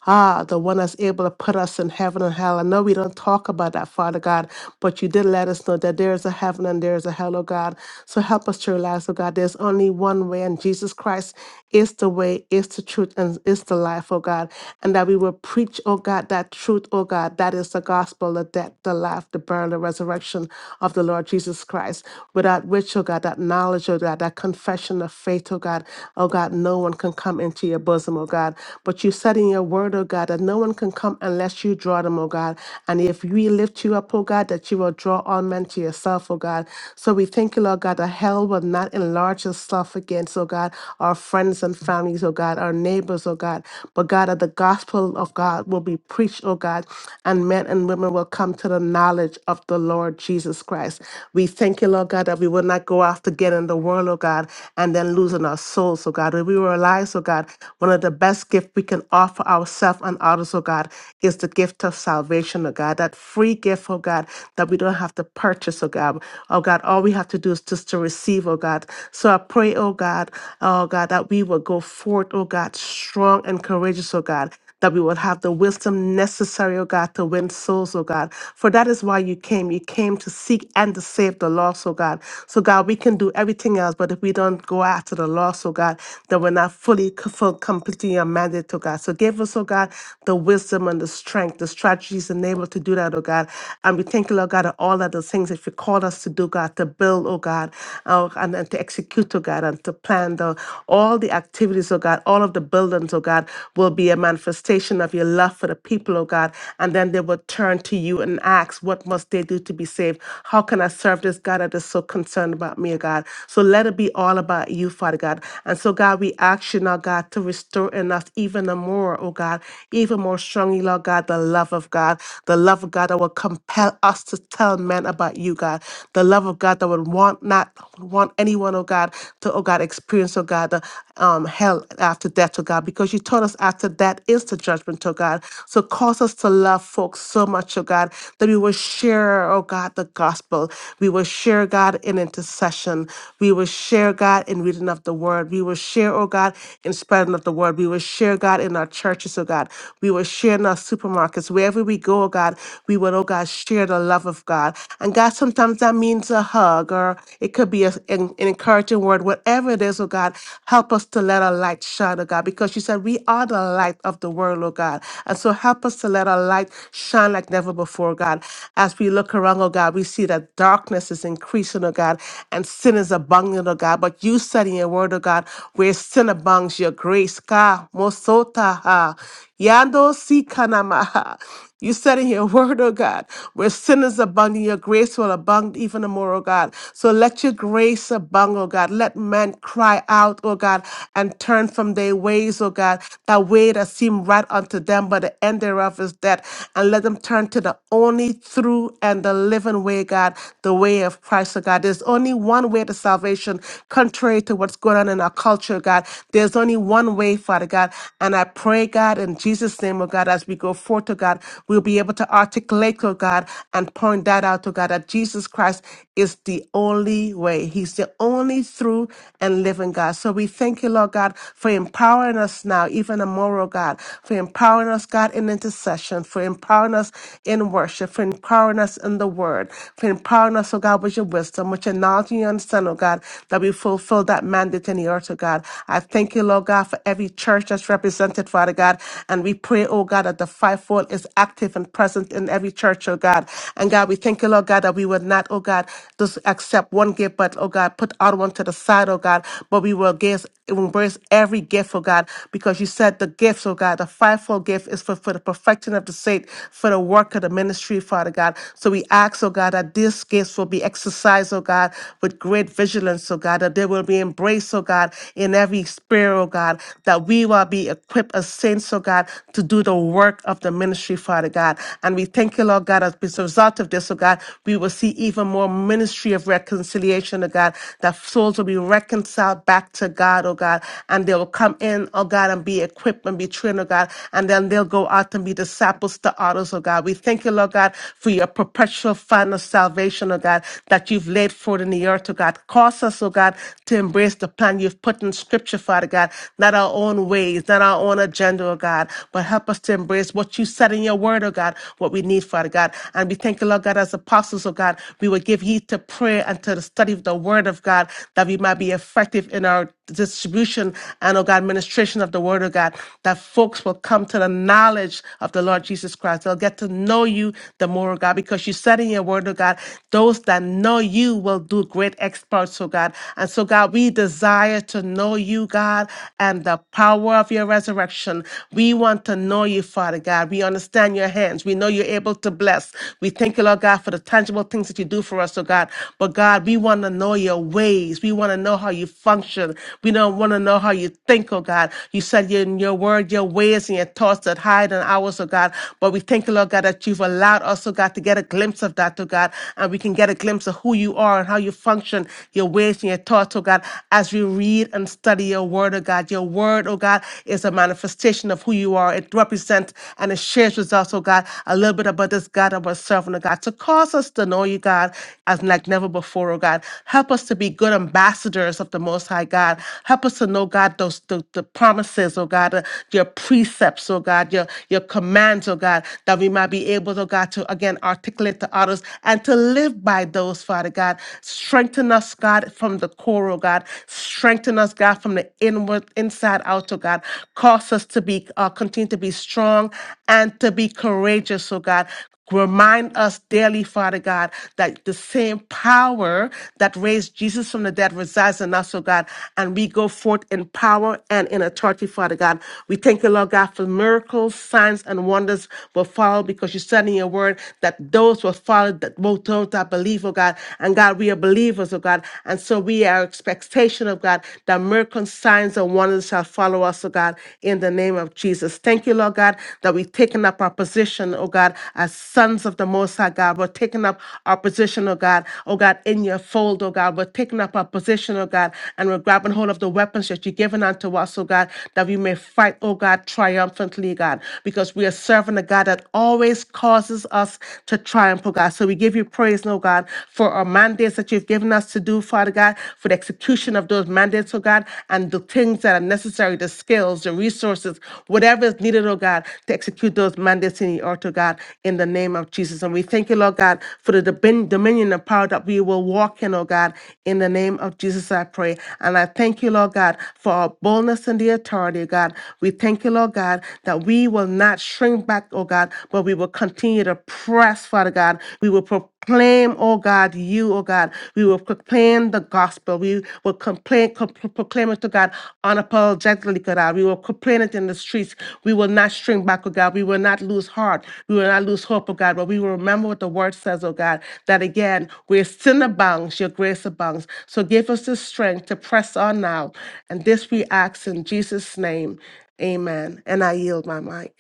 Speaker 5: Ah, the one that's able to put us in heaven and hell. I know we don't talk about that, Father God, but you did let us know that there is a heaven and there is a hell, oh God. So help us to realize, oh God, there's only one way, and Jesus Christ is the way, is the truth, and is the life, oh God. And that we will preach, oh God, that truth, oh God, that is the gospel, the death, the life, the burial, the resurrection of the Lord Jesus Christ. Without which, oh God, that knowledge, oh God, that confession of faith, oh God, oh God, no one can come into to your bosom, oh God. But you said in your word, oh God, that no one can come unless you draw them, oh God. And if we lift you up, oh God, that you will draw all men to yourself, oh God. So we thank you, Lord God, that hell will not enlarge itself against, oh God, our friends and families, oh God, our neighbors, oh God. But God, that the gospel of God will be preached, oh God, and men and women will come to the knowledge of the Lord Jesus Christ. We thank you, Lord God, that we will not go after getting the world, oh God, and then losing our souls, oh God. We will we realize, oh God, one of the best gifts we can offer ourselves and others, oh God, is the gift of salvation, oh God, that free gift, oh God, that we don't have to purchase, oh God. Oh God, all we have to do is just to receive, oh God. So I pray, oh God, oh God, that we will go forth, oh God, strong and courageous, oh God that we will have the wisdom necessary, oh God, to win souls, oh God. For that is why you came. You came to seek and to save the lost, oh God. So, God, we can do everything else, but if we don't go after the lost, oh God, then we're not fully, c- full, completing your mandate, oh God. So, give us, oh God, the wisdom and the strength, the strategies enabled to do that, oh God. And we thank you, Lord God, that all of the things that you called us to do, God, to build, oh God, uh, and, and to execute, oh God, and to plan the all the activities, oh God, all of the buildings, oh God, will be a manifestation manifestation of your love for the people, oh God. And then they would turn to you and ask, What must they do to be saved? How can I serve this God that is so concerned about me, oh God? So let it be all about you, Father God. And so, God, we ask you now, God, to restore in us even the more, oh God, even more strongly, Lord God, the love of God, the love of God that will compel us to tell men about you, God, the love of God that would want not want anyone, oh God, to, oh God, experience, oh God, the um, hell after death, to God, because you taught us after that is the judgment, to God. So cause us to love folks so much, oh God, that we will share, oh God, the gospel. We will share, God, in intercession. We will share, God, in reading of the word. We will share, oh God, in spreading of the word. We will share, God, in our churches, oh God. We will share in our supermarkets. Wherever we go, oh God, we will, oh God, share the love of God. And God, sometimes that means a hug or it could be a, an, an encouragement church and word, whatever it is, oh God, help us to let our light shine, oh God, because you said we are the light of the world, oh God. And so help us to let our light shine like never before, God. As we look around, oh God, we see that darkness is increasing, oh God, and sin is abundant, oh God. But you said in your word, oh God, where sin abounds, your grace, God, mosota, ha. Yando si kanamaha. You said in your word, oh God, where sinners abound, your grace will abound even the more, oh God. So let your grace abound, oh God. Let men cry out, oh God, and turn from their ways, oh God, that way that seem right unto them, but the end thereof is death. And let them turn to the only through and the living way, God, the way of Christ, oh God. There's only one way to salvation, contrary to what's going on in our culture, God. There's only one way, Father God. God. And I pray, God, in Jesus' name, oh God, as we go forth, oh God, we'll be able to articulate, oh God, and point that out, oh God, that Jesus Christ is the only way. He's the only through and living God. So we thank you, Lord God, for empowering us now, even tomorrow, oh God, for empowering us, God, in intercession, for empowering us in worship, for empowering us in the word, for empowering us, oh God, with your wisdom, with your knowledge and your understanding, oh God, that we fulfill that mandate in the earth, oh God. I thank you. Thank you, Lord God, for every church that's represented, Father God. And we pray, oh God, that the fivefold is active and present in every church, oh God. And God, we thank you, Lord God, that we would not, oh God, just accept one gift, but, oh God, put other one to the side, oh God, but we will give, embrace every gift, oh God, because you said the gifts, oh God, the fivefold gift is for, for the perfecting of the saint, for the work of the ministry, Father God. So we ask, oh God, that these gifts will be exercised, oh God, with great vigilance, oh God, that they will be embraced, oh grace, oh God, in every spirit, oh God, that we will be equipped as saints, oh God, to do the work of the ministry, Father God. And we thank you, Lord God, as a result of this, oh God, we will see even more ministry of reconciliation, oh God, that souls will be reconciled back to God, oh God, and they will come in, oh God, and be equipped and be trained, oh God, and then they'll go out and be disciples to others, oh God. We thank you, Lord God, for your perpetual fund of salvation, oh God, that you've laid forth in the earth, oh God. Cause us us, oh God, to embrace the plan you've put in Scripture, Father God, not our own ways, not our own agenda, oh God, but help us to embrace what you said in your word, oh God, what we need, Father God. And we thank you, Lord God, as apostles, oh God, we will give heed to prayer and to the study of the word of God, that we might be effective in our distribution and, oh God, administration of the word, oh God, that folks will come to the knowledge of the Lord Jesus Christ. They'll get to know you the more, oh God, because you said in your word, oh God, those that know you will do great exploits, oh God. And so, God, we desire to know you, God, and the power of your resurrection. We want to know you, Father God. We understand your hands. We know you're able to bless. We thank you, Lord God, for the tangible things that you do for us, oh God. But God, we want to know your ways. We want to know how you function. We don't want to know how you think, oh God. You said in your word, your ways and your thoughts that hide in ours, oh God. But we thank you, Lord God, that you've allowed us, oh God, to get a glimpse of that, oh God. And we can get a glimpse of who you are and how you function, your ways and your thoughts, oh God, as we read and study your word, oh God. Your word, oh God, is a manifestation of who you are. It represents and it shares with us, oh God, a little bit bit about this God about serving, oh God, to cause us to know you, God, as like never before, oh God. Help us to be good ambassadors of the Most High God. Help us to know, God, those the, the promises, oh God, uh, your precepts, oh God, your your commands, oh God, that we might be able, oh God, to again articulate to others and to live by those, Father God. Strengthen us, God, from the core, oh God. Strengthen us, God, from the inward, inside out, oh God. Cause us us to be uh, continue to be strong and to be courageous, oh God. Remind us daily, Father God, that the same power that raised Jesus from the dead resides in us, oh God, and we go forth in power and in authority, Father God. We thank you, Lord God, for miracles, signs, and wonders will follow because you said in your word that those will follow that both those that believe, oh God. And God, we are believers, oh God. And so we are expectation revelation of God, that miracles, signs and wonders shall follow us, oh God, in the name of Jesus. Thank you, Lord God, that we've taken up our position, oh God, as sons of the Most High God. We're taking up our position, oh God, oh God, in your fold, oh God. We're taking up our position, oh God, and we're grabbing hold of the weapons that you've given unto us, oh God, that we may fight, oh God, triumphantly, God, because we are serving a God that always causes us to triumph, oh God. So we give you praise, oh God for our mandates that you've given us to do, Father God, for the execution of those mandates, oh God, and the things that are necessary, the skills, the resources, whatever is needed, oh God, to execute those mandates in the earth, oh God, in the name of Jesus. And we thank you, Lord God, for the domin- dominion and power that we will walk in, oh God, in the name of Jesus, I pray. And I thank you, Lord God, for our boldness and the authority, oh God. We thank you, Lord God, that we will not shrink back, oh God, but but we will continue to press, Father God. We will proclaim, oh God, you, oh God. We will proclaim the gospel. We will complain, co- pro- proclaim it to God unapologetically, oh God. We will proclaim it in the streets. We will not shrink back, oh God. We will not lose heart. We will not lose hope, oh God. But we will remember what the word says, oh God, that again, where sin abounds, your grace abounds. So give us the strength to press on now. And this we ask in Jesus' name. Amen. And I yield my mic.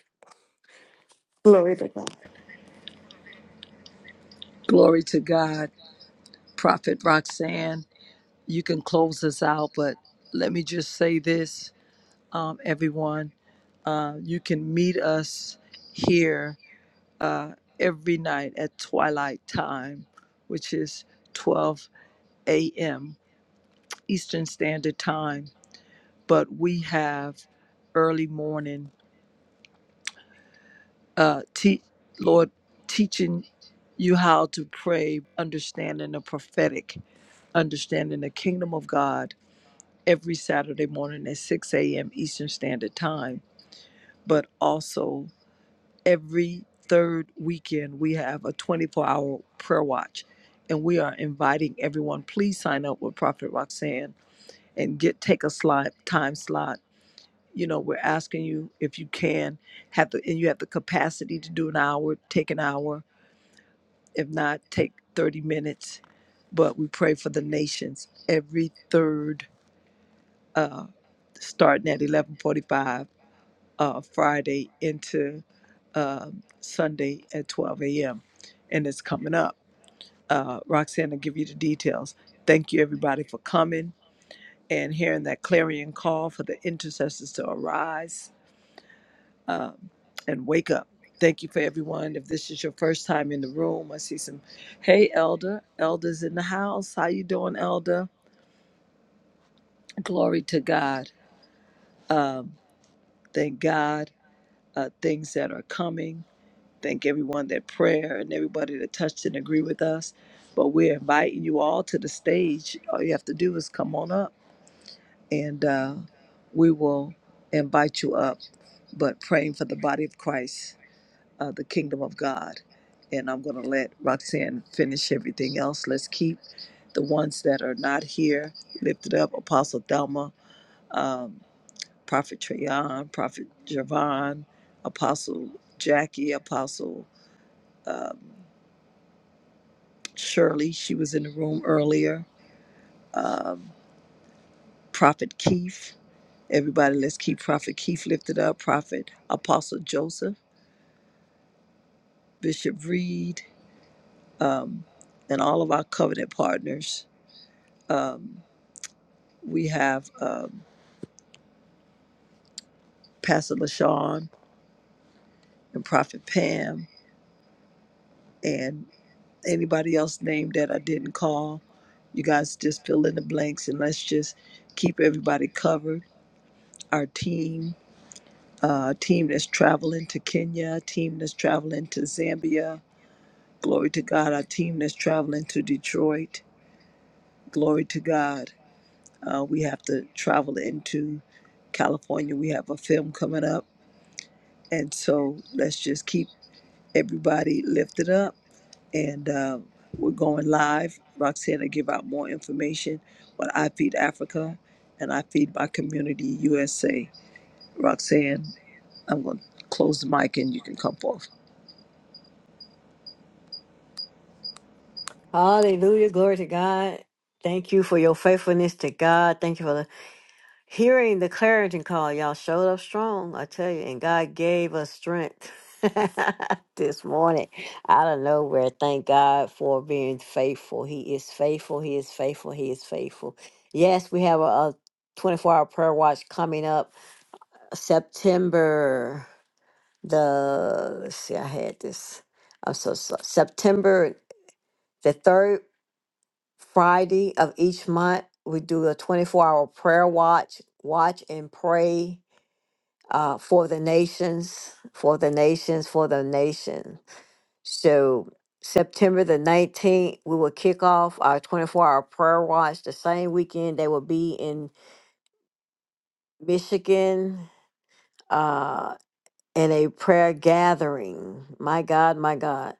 Speaker 2: Glory to God. Prophet Roxanne, you can close us out, but let me just say this, um, everyone. Uh, you can meet us here uh, every night at twilight time, which is 12 a.m. Eastern Standard Time, but we have early morning, uh, te- Lord, teaching you how to pray, understanding the prophetic, understanding the kingdom of God every Saturday morning at 6 a.m. Eastern Standard Time, but also every third weekend, we have a 24 hour prayer watch. And we are inviting everyone, please sign up with Prophet Roxanne and get take a slot time slot you know we're asking you if you can have the and you have the capacity to do an hour take an hour if not take 30 minutes but we pray for the nations every third uh starting at 11:45 uh Friday into uh Sunday at 12 a.m. and it's coming up uh Roxanne will give you the details thank you everybody for coming and hearing that clarion call for the intercessors to arise um, and wake up. Thank you for everyone. If this is your first time in the room, I see some. Hey, Elder. Elder's in the house. How you doing, Elder? Glory to God. Um, thank God. Uh, things that are coming. Thank everyone that prayer and everybody that touched and agree with us. But we're inviting you all to the stage. All you have to do is come on up, and uh, we will invite you up. But praying for the body of Christ. uh, the kingdom of God. And I'm going to let Roxanne finish everything else. Let's keep the ones that are not here lifted up Apostle Thelma, um, Prophet Trajan, Prophet Javon, Apostle Jackie, Apostle um, Shirley. She was in the room earlier. Um, Prophet Keith. Everybody, let's keep Prophet Keith lifted up. Prophet Apostle Joseph, Bishop Reed, um, and all of our covenant partners. Um, we have um, Pastor LaShawn and Prophet Pam and anybody else named that I didn't call. You guys just fill in the blanks and let's just keep everybody covered. Our team, uh, team that's traveling to Kenya, team that's traveling to Zambia. Glory to God. Our team that's traveling to Detroit. Glory to God. Uh, we have to travel into California. We have a film coming up. And so let's just keep everybody lifted up and uh, we're going live. Roxanne will give out more information on I Feed Africa and I Feed My Community USA. Roxanne, I'm going to close the mic and you can come forth.
Speaker 1: Hallelujah. Glory to God. Thank you for your faithfulness to God. Thank you for the Hearing the clarion call, y'all showed up strong, I tell you, and God gave us strength this morning out of nowhere. Thank God for being faithful. He is faithful. He is faithful. He is faithful. Yes, we have a, 24 hour prayer watch coming up September the, let's see, I had this. I'm so, sorry. September the third Friday of each month. We do a 24 hour prayer watch, watch and pray uh, for the nations, for the nations, for the nation. So September the 19th, we will kick off our 24 hour prayer watch the same weekend. They will be in Michigan uh, in a prayer gathering. My God, my God.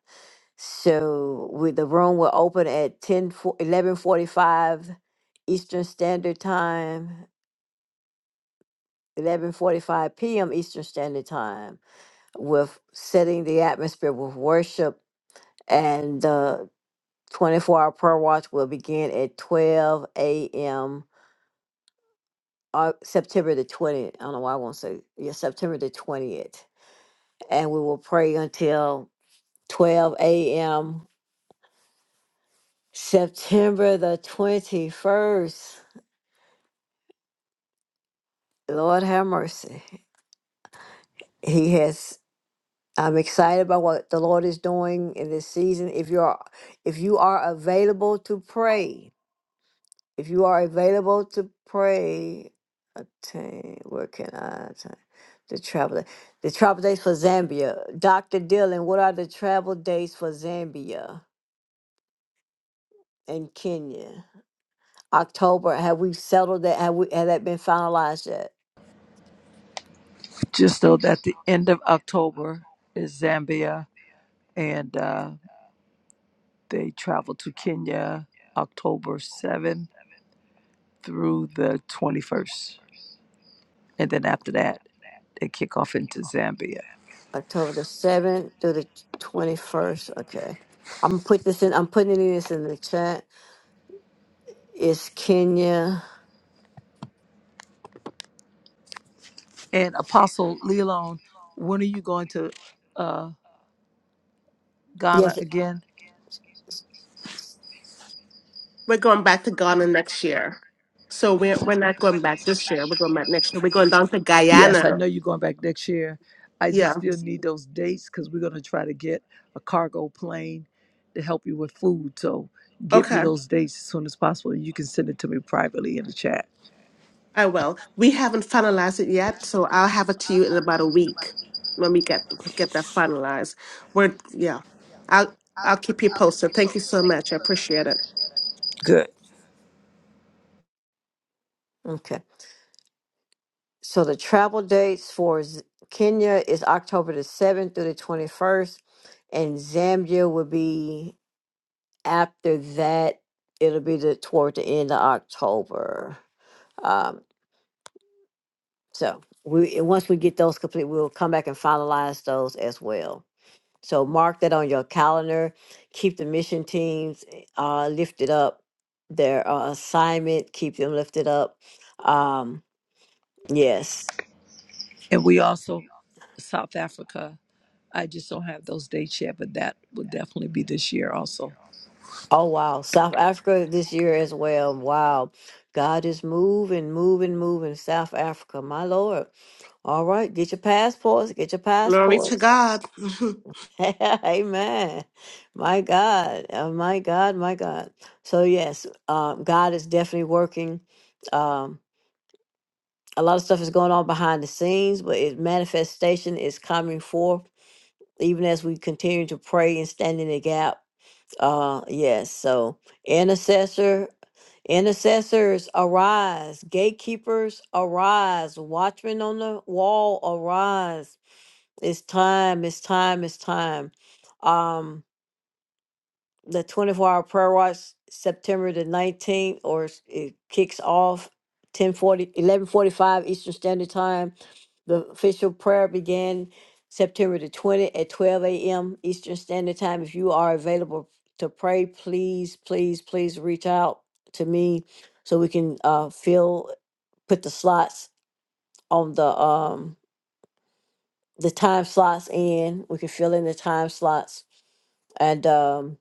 Speaker 1: So we, the room will open at 10, 1145 Eastern Standard Time, 1145 p.m. Eastern Standard Time with setting the atmosphere with worship and the 24 hour prayer watch will begin at 12 a.m. Uh, September the 20th. I don't know why I won't say yeah, September the 20th. And we will pray until 12 a.m. September the 21st. Lord have mercy. He has I'm excited about what the Lord is doing in this season. If you are if you are available to pray, If you are available to pray, attain, where can I attain? The travel, day- the travel days for Zambia. Dr. Dylan. what are the travel days for Zambia and Kenya? October, have we settled that? Have we, has that been finalized yet?
Speaker 2: Just know that the end of October is Zambia, and uh, they travel to Kenya October 7th through the 21st. And then after that, they kick off into Zambia.
Speaker 1: October the seventh through the twenty-first, okay. I'm gonna put this in, I'm putting it in this in the chat. It's Kenya,
Speaker 2: And Apostle Leon, when are you going to uh, Ghana
Speaker 1: yes,
Speaker 2: again?
Speaker 5: We're going back to Ghana next year. So we're we're not going back this year. We're going back next year. We're going down to
Speaker 2: Yes, I
Speaker 5: Guyana.
Speaker 2: know you're going back next year. I just
Speaker 5: Yeah.
Speaker 2: still need those dates because we're going to try to get a cargo plane to help you with food. So get
Speaker 5: Okay.
Speaker 2: me those dates as soon as possible. You can send it to me privately in the chat.
Speaker 5: I will. We haven't finalized it yet, so I'll have it to you in about a week when we get get that finalized. We're yeah. I'll I'll keep you posted. Thank you so much. I appreciate it.
Speaker 2: Good.
Speaker 1: okay. So the travel dates for Z- Kenya is October the 7th through the 21st, and Zambia will be after that. It'll be the toward the end of October. Um, so we and once we get those complete, we'll come back and finalize those as well. So mark that on your calendar. Keep the mission teams uh, lifted up. Their uh, assignment, keep them lifted up. Um, yes.
Speaker 2: And we also, South Africa, I just don't have those dates yet, but that will definitely be this year also.
Speaker 1: Oh wow, South Africa this year as well. Wow. God is moving, moving, moving. South Africa, my Lord. All right, get your passports, get your
Speaker 5: Glory to
Speaker 1: passports.
Speaker 5: God.
Speaker 1: Amen. My God, oh, my God, my God. So yes, um, God is definitely working. Um, a lot of stuff is going on behind the scenes, but its manifestation is coming forth even as we continue to pray and stand in the gap Uh, yes. So, intercessor, intercessors arise, gatekeepers arise, watchmen on the wall arise. It's time. It's time. It's time. Um, the twenty-four hour prayer watch, September the nineteenth, or s- it kicks off ten forty, eleven forty five Eastern Standard Time. The official prayer began September the 20th at 12 a.m. Eastern Standard Time. If you are available to pray, please, please, please reach out to me so we can uh, fill, put the slots on the um the time slots in. We can fill in the time slots, and um,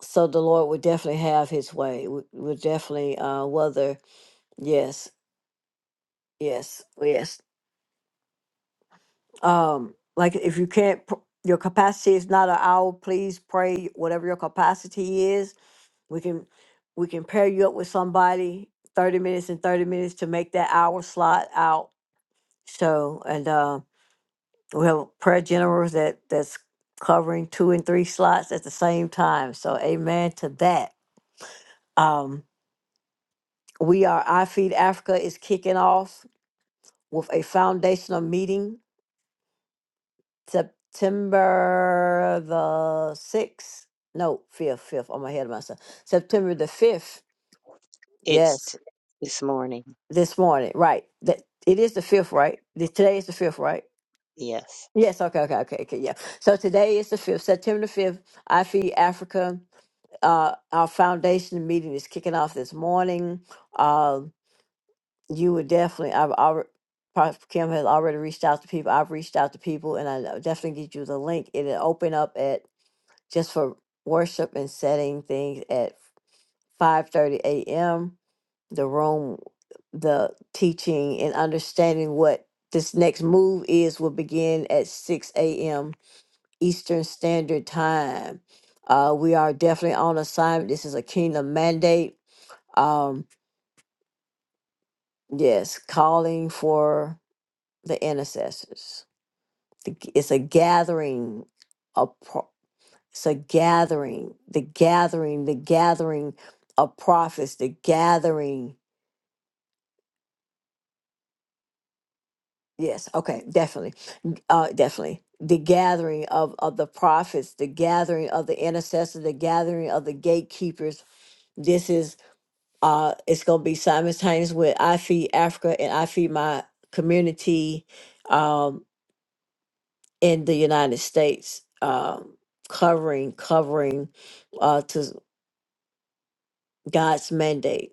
Speaker 1: so the Lord will definitely have His way. We will definitely uh, whether yes, yes, yes. um like if you can't pr- your capacity is not an hour please pray whatever your capacity is we can we can pair you up with somebody 30 minutes and 30 minutes to make that hour slot out so and uh we have prayer generals that that's covering two and three slots at the same time so amen to that um we are i feed africa is kicking off with a foundational meeting September the sixth. No, fifth, fifth. I'm ahead of myself. September the fifth.
Speaker 3: It's
Speaker 1: Yes,
Speaker 3: t- this morning.
Speaker 1: this morning. Right. That it is the fifth, right? The, today is the fifth, right?
Speaker 3: Yes.
Speaker 1: Yes. Okay. Okay. Okay. Okay. Yeah. So today is the fifth, September the fifth. I feed Africa. Uh, our foundation meeting is kicking off this morning. Uh, you would definitely. I've already. Kim has already reached out to people. I've reached out to people, and I uh, definitely get you the link. It'll open up at just for worship and setting things at 5:30 a.m. the room the teaching and understanding what this next move is will begin at 6 a.m. Eastern Standard Time. Uh, we are definitely on assignment. This is a kingdom mandate. Um, yes, calling for the intercessors. The It's a gathering It's a gathering, the gathering, the gathering of prophets, the gathering. Yes, okay, definitely. Uh definitely. The gathering of, of the prophets, the gathering of the intercessors, the gathering of the gatekeepers. This is uh it's gonna be simultaneous with I Feed Africa and I Feed My Community um in the United States. Um covering, covering uh to God's mandate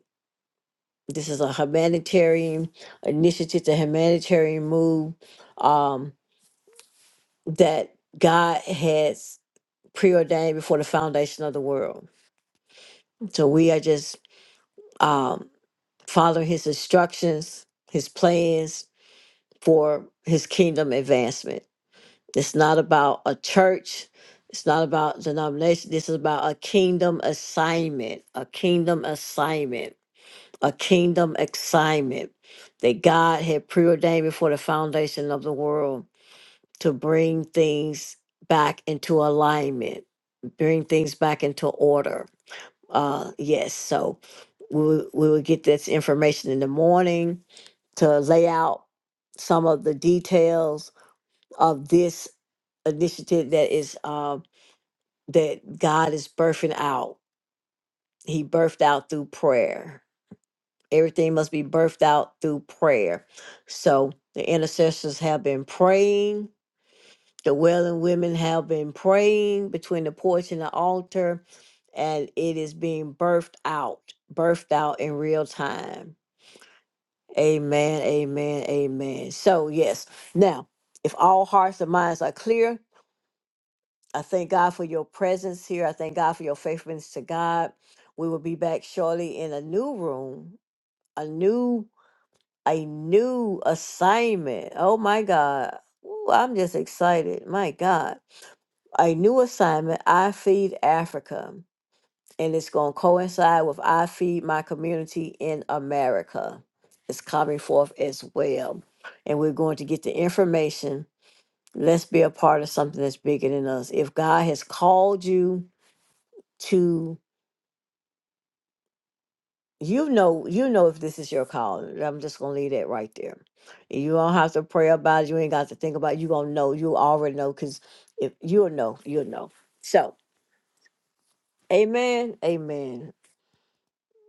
Speaker 1: This is a humanitarian initiative, the humanitarian move um, that God has preordained before the foundation of the world. So we are just um, following His instructions, His plans for His kingdom advancement. It's not about a church. It's not about denomination. This is about a kingdom assignment. A kingdom assignment a kingdom assignment that God had preordained before the foundation of the world to bring things back into alignment, bring things back into order. Uh, yes, so we will- we will get this information in the morning to lay out some of the details of this initiative that is uh, that God is birthing out. He birthed out through prayer Everything must be birthed out through prayer. So the intercessors have been praying. The wailing women have been praying between the porch and the altar, and it is being birthed out, birthed out in real time. Amen, amen, amen. So, yes, now, if all hearts and minds are clear, I thank God for your presence here. I thank God for your faithfulness to God. We will be back shortly in a new room, a new a new assignment. Oh my God. Ooh, I'm just excited. My God. A new assignment, I Feed Africa. And it's going to coincide with I Feed My Community in America. It's coming forth as well. And we're going to get the information. Let's be a part of something that's bigger than us. If God has called you, to. you know you know if this is your call i'm just gonna leave that right there you don't have to pray about it you ain't got to think about it you gonna know you already know because if you'll know you'll know so amen amen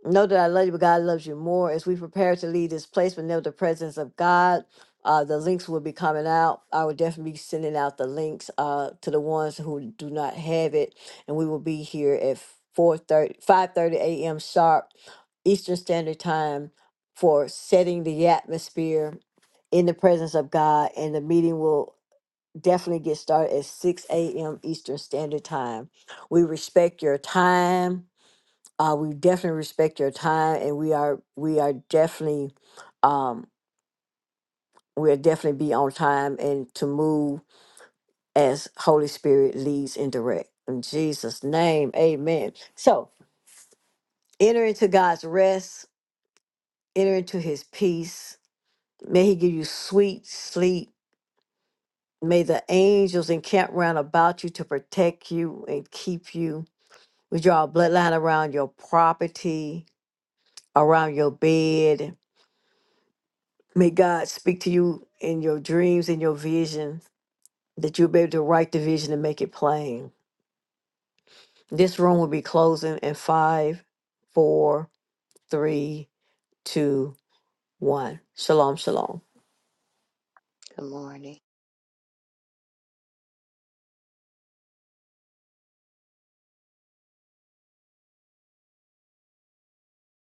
Speaker 1: Know that I love you, but God loves you more. As we prepare to leave this place, but never the presence of God, uh, the links will be coming out. I will definitely be sending out the links uh, to the ones who do not have it, and we will be here at four thirty, five thirty a.m. sharp Eastern Standard Time for setting the atmosphere in the presence of God, and the meeting will definitely get started at 6 a.m. Eastern Standard Time. We respect your time uh, we definitely respect your time and we are we are definitely um we'll definitely be on time and to move as holy spirit leads and direct in jesus name amen so enter into god's rest enter into his peace may he give you sweet sleep may the angels encamp round about you to protect you and keep you we draw a bloodline around your property around your bed May God speak to you in your dreams and your vision, that you'll be able to write the vision and make it plain. This room will be closing in five, four, three, two, one. Shalom, shalom.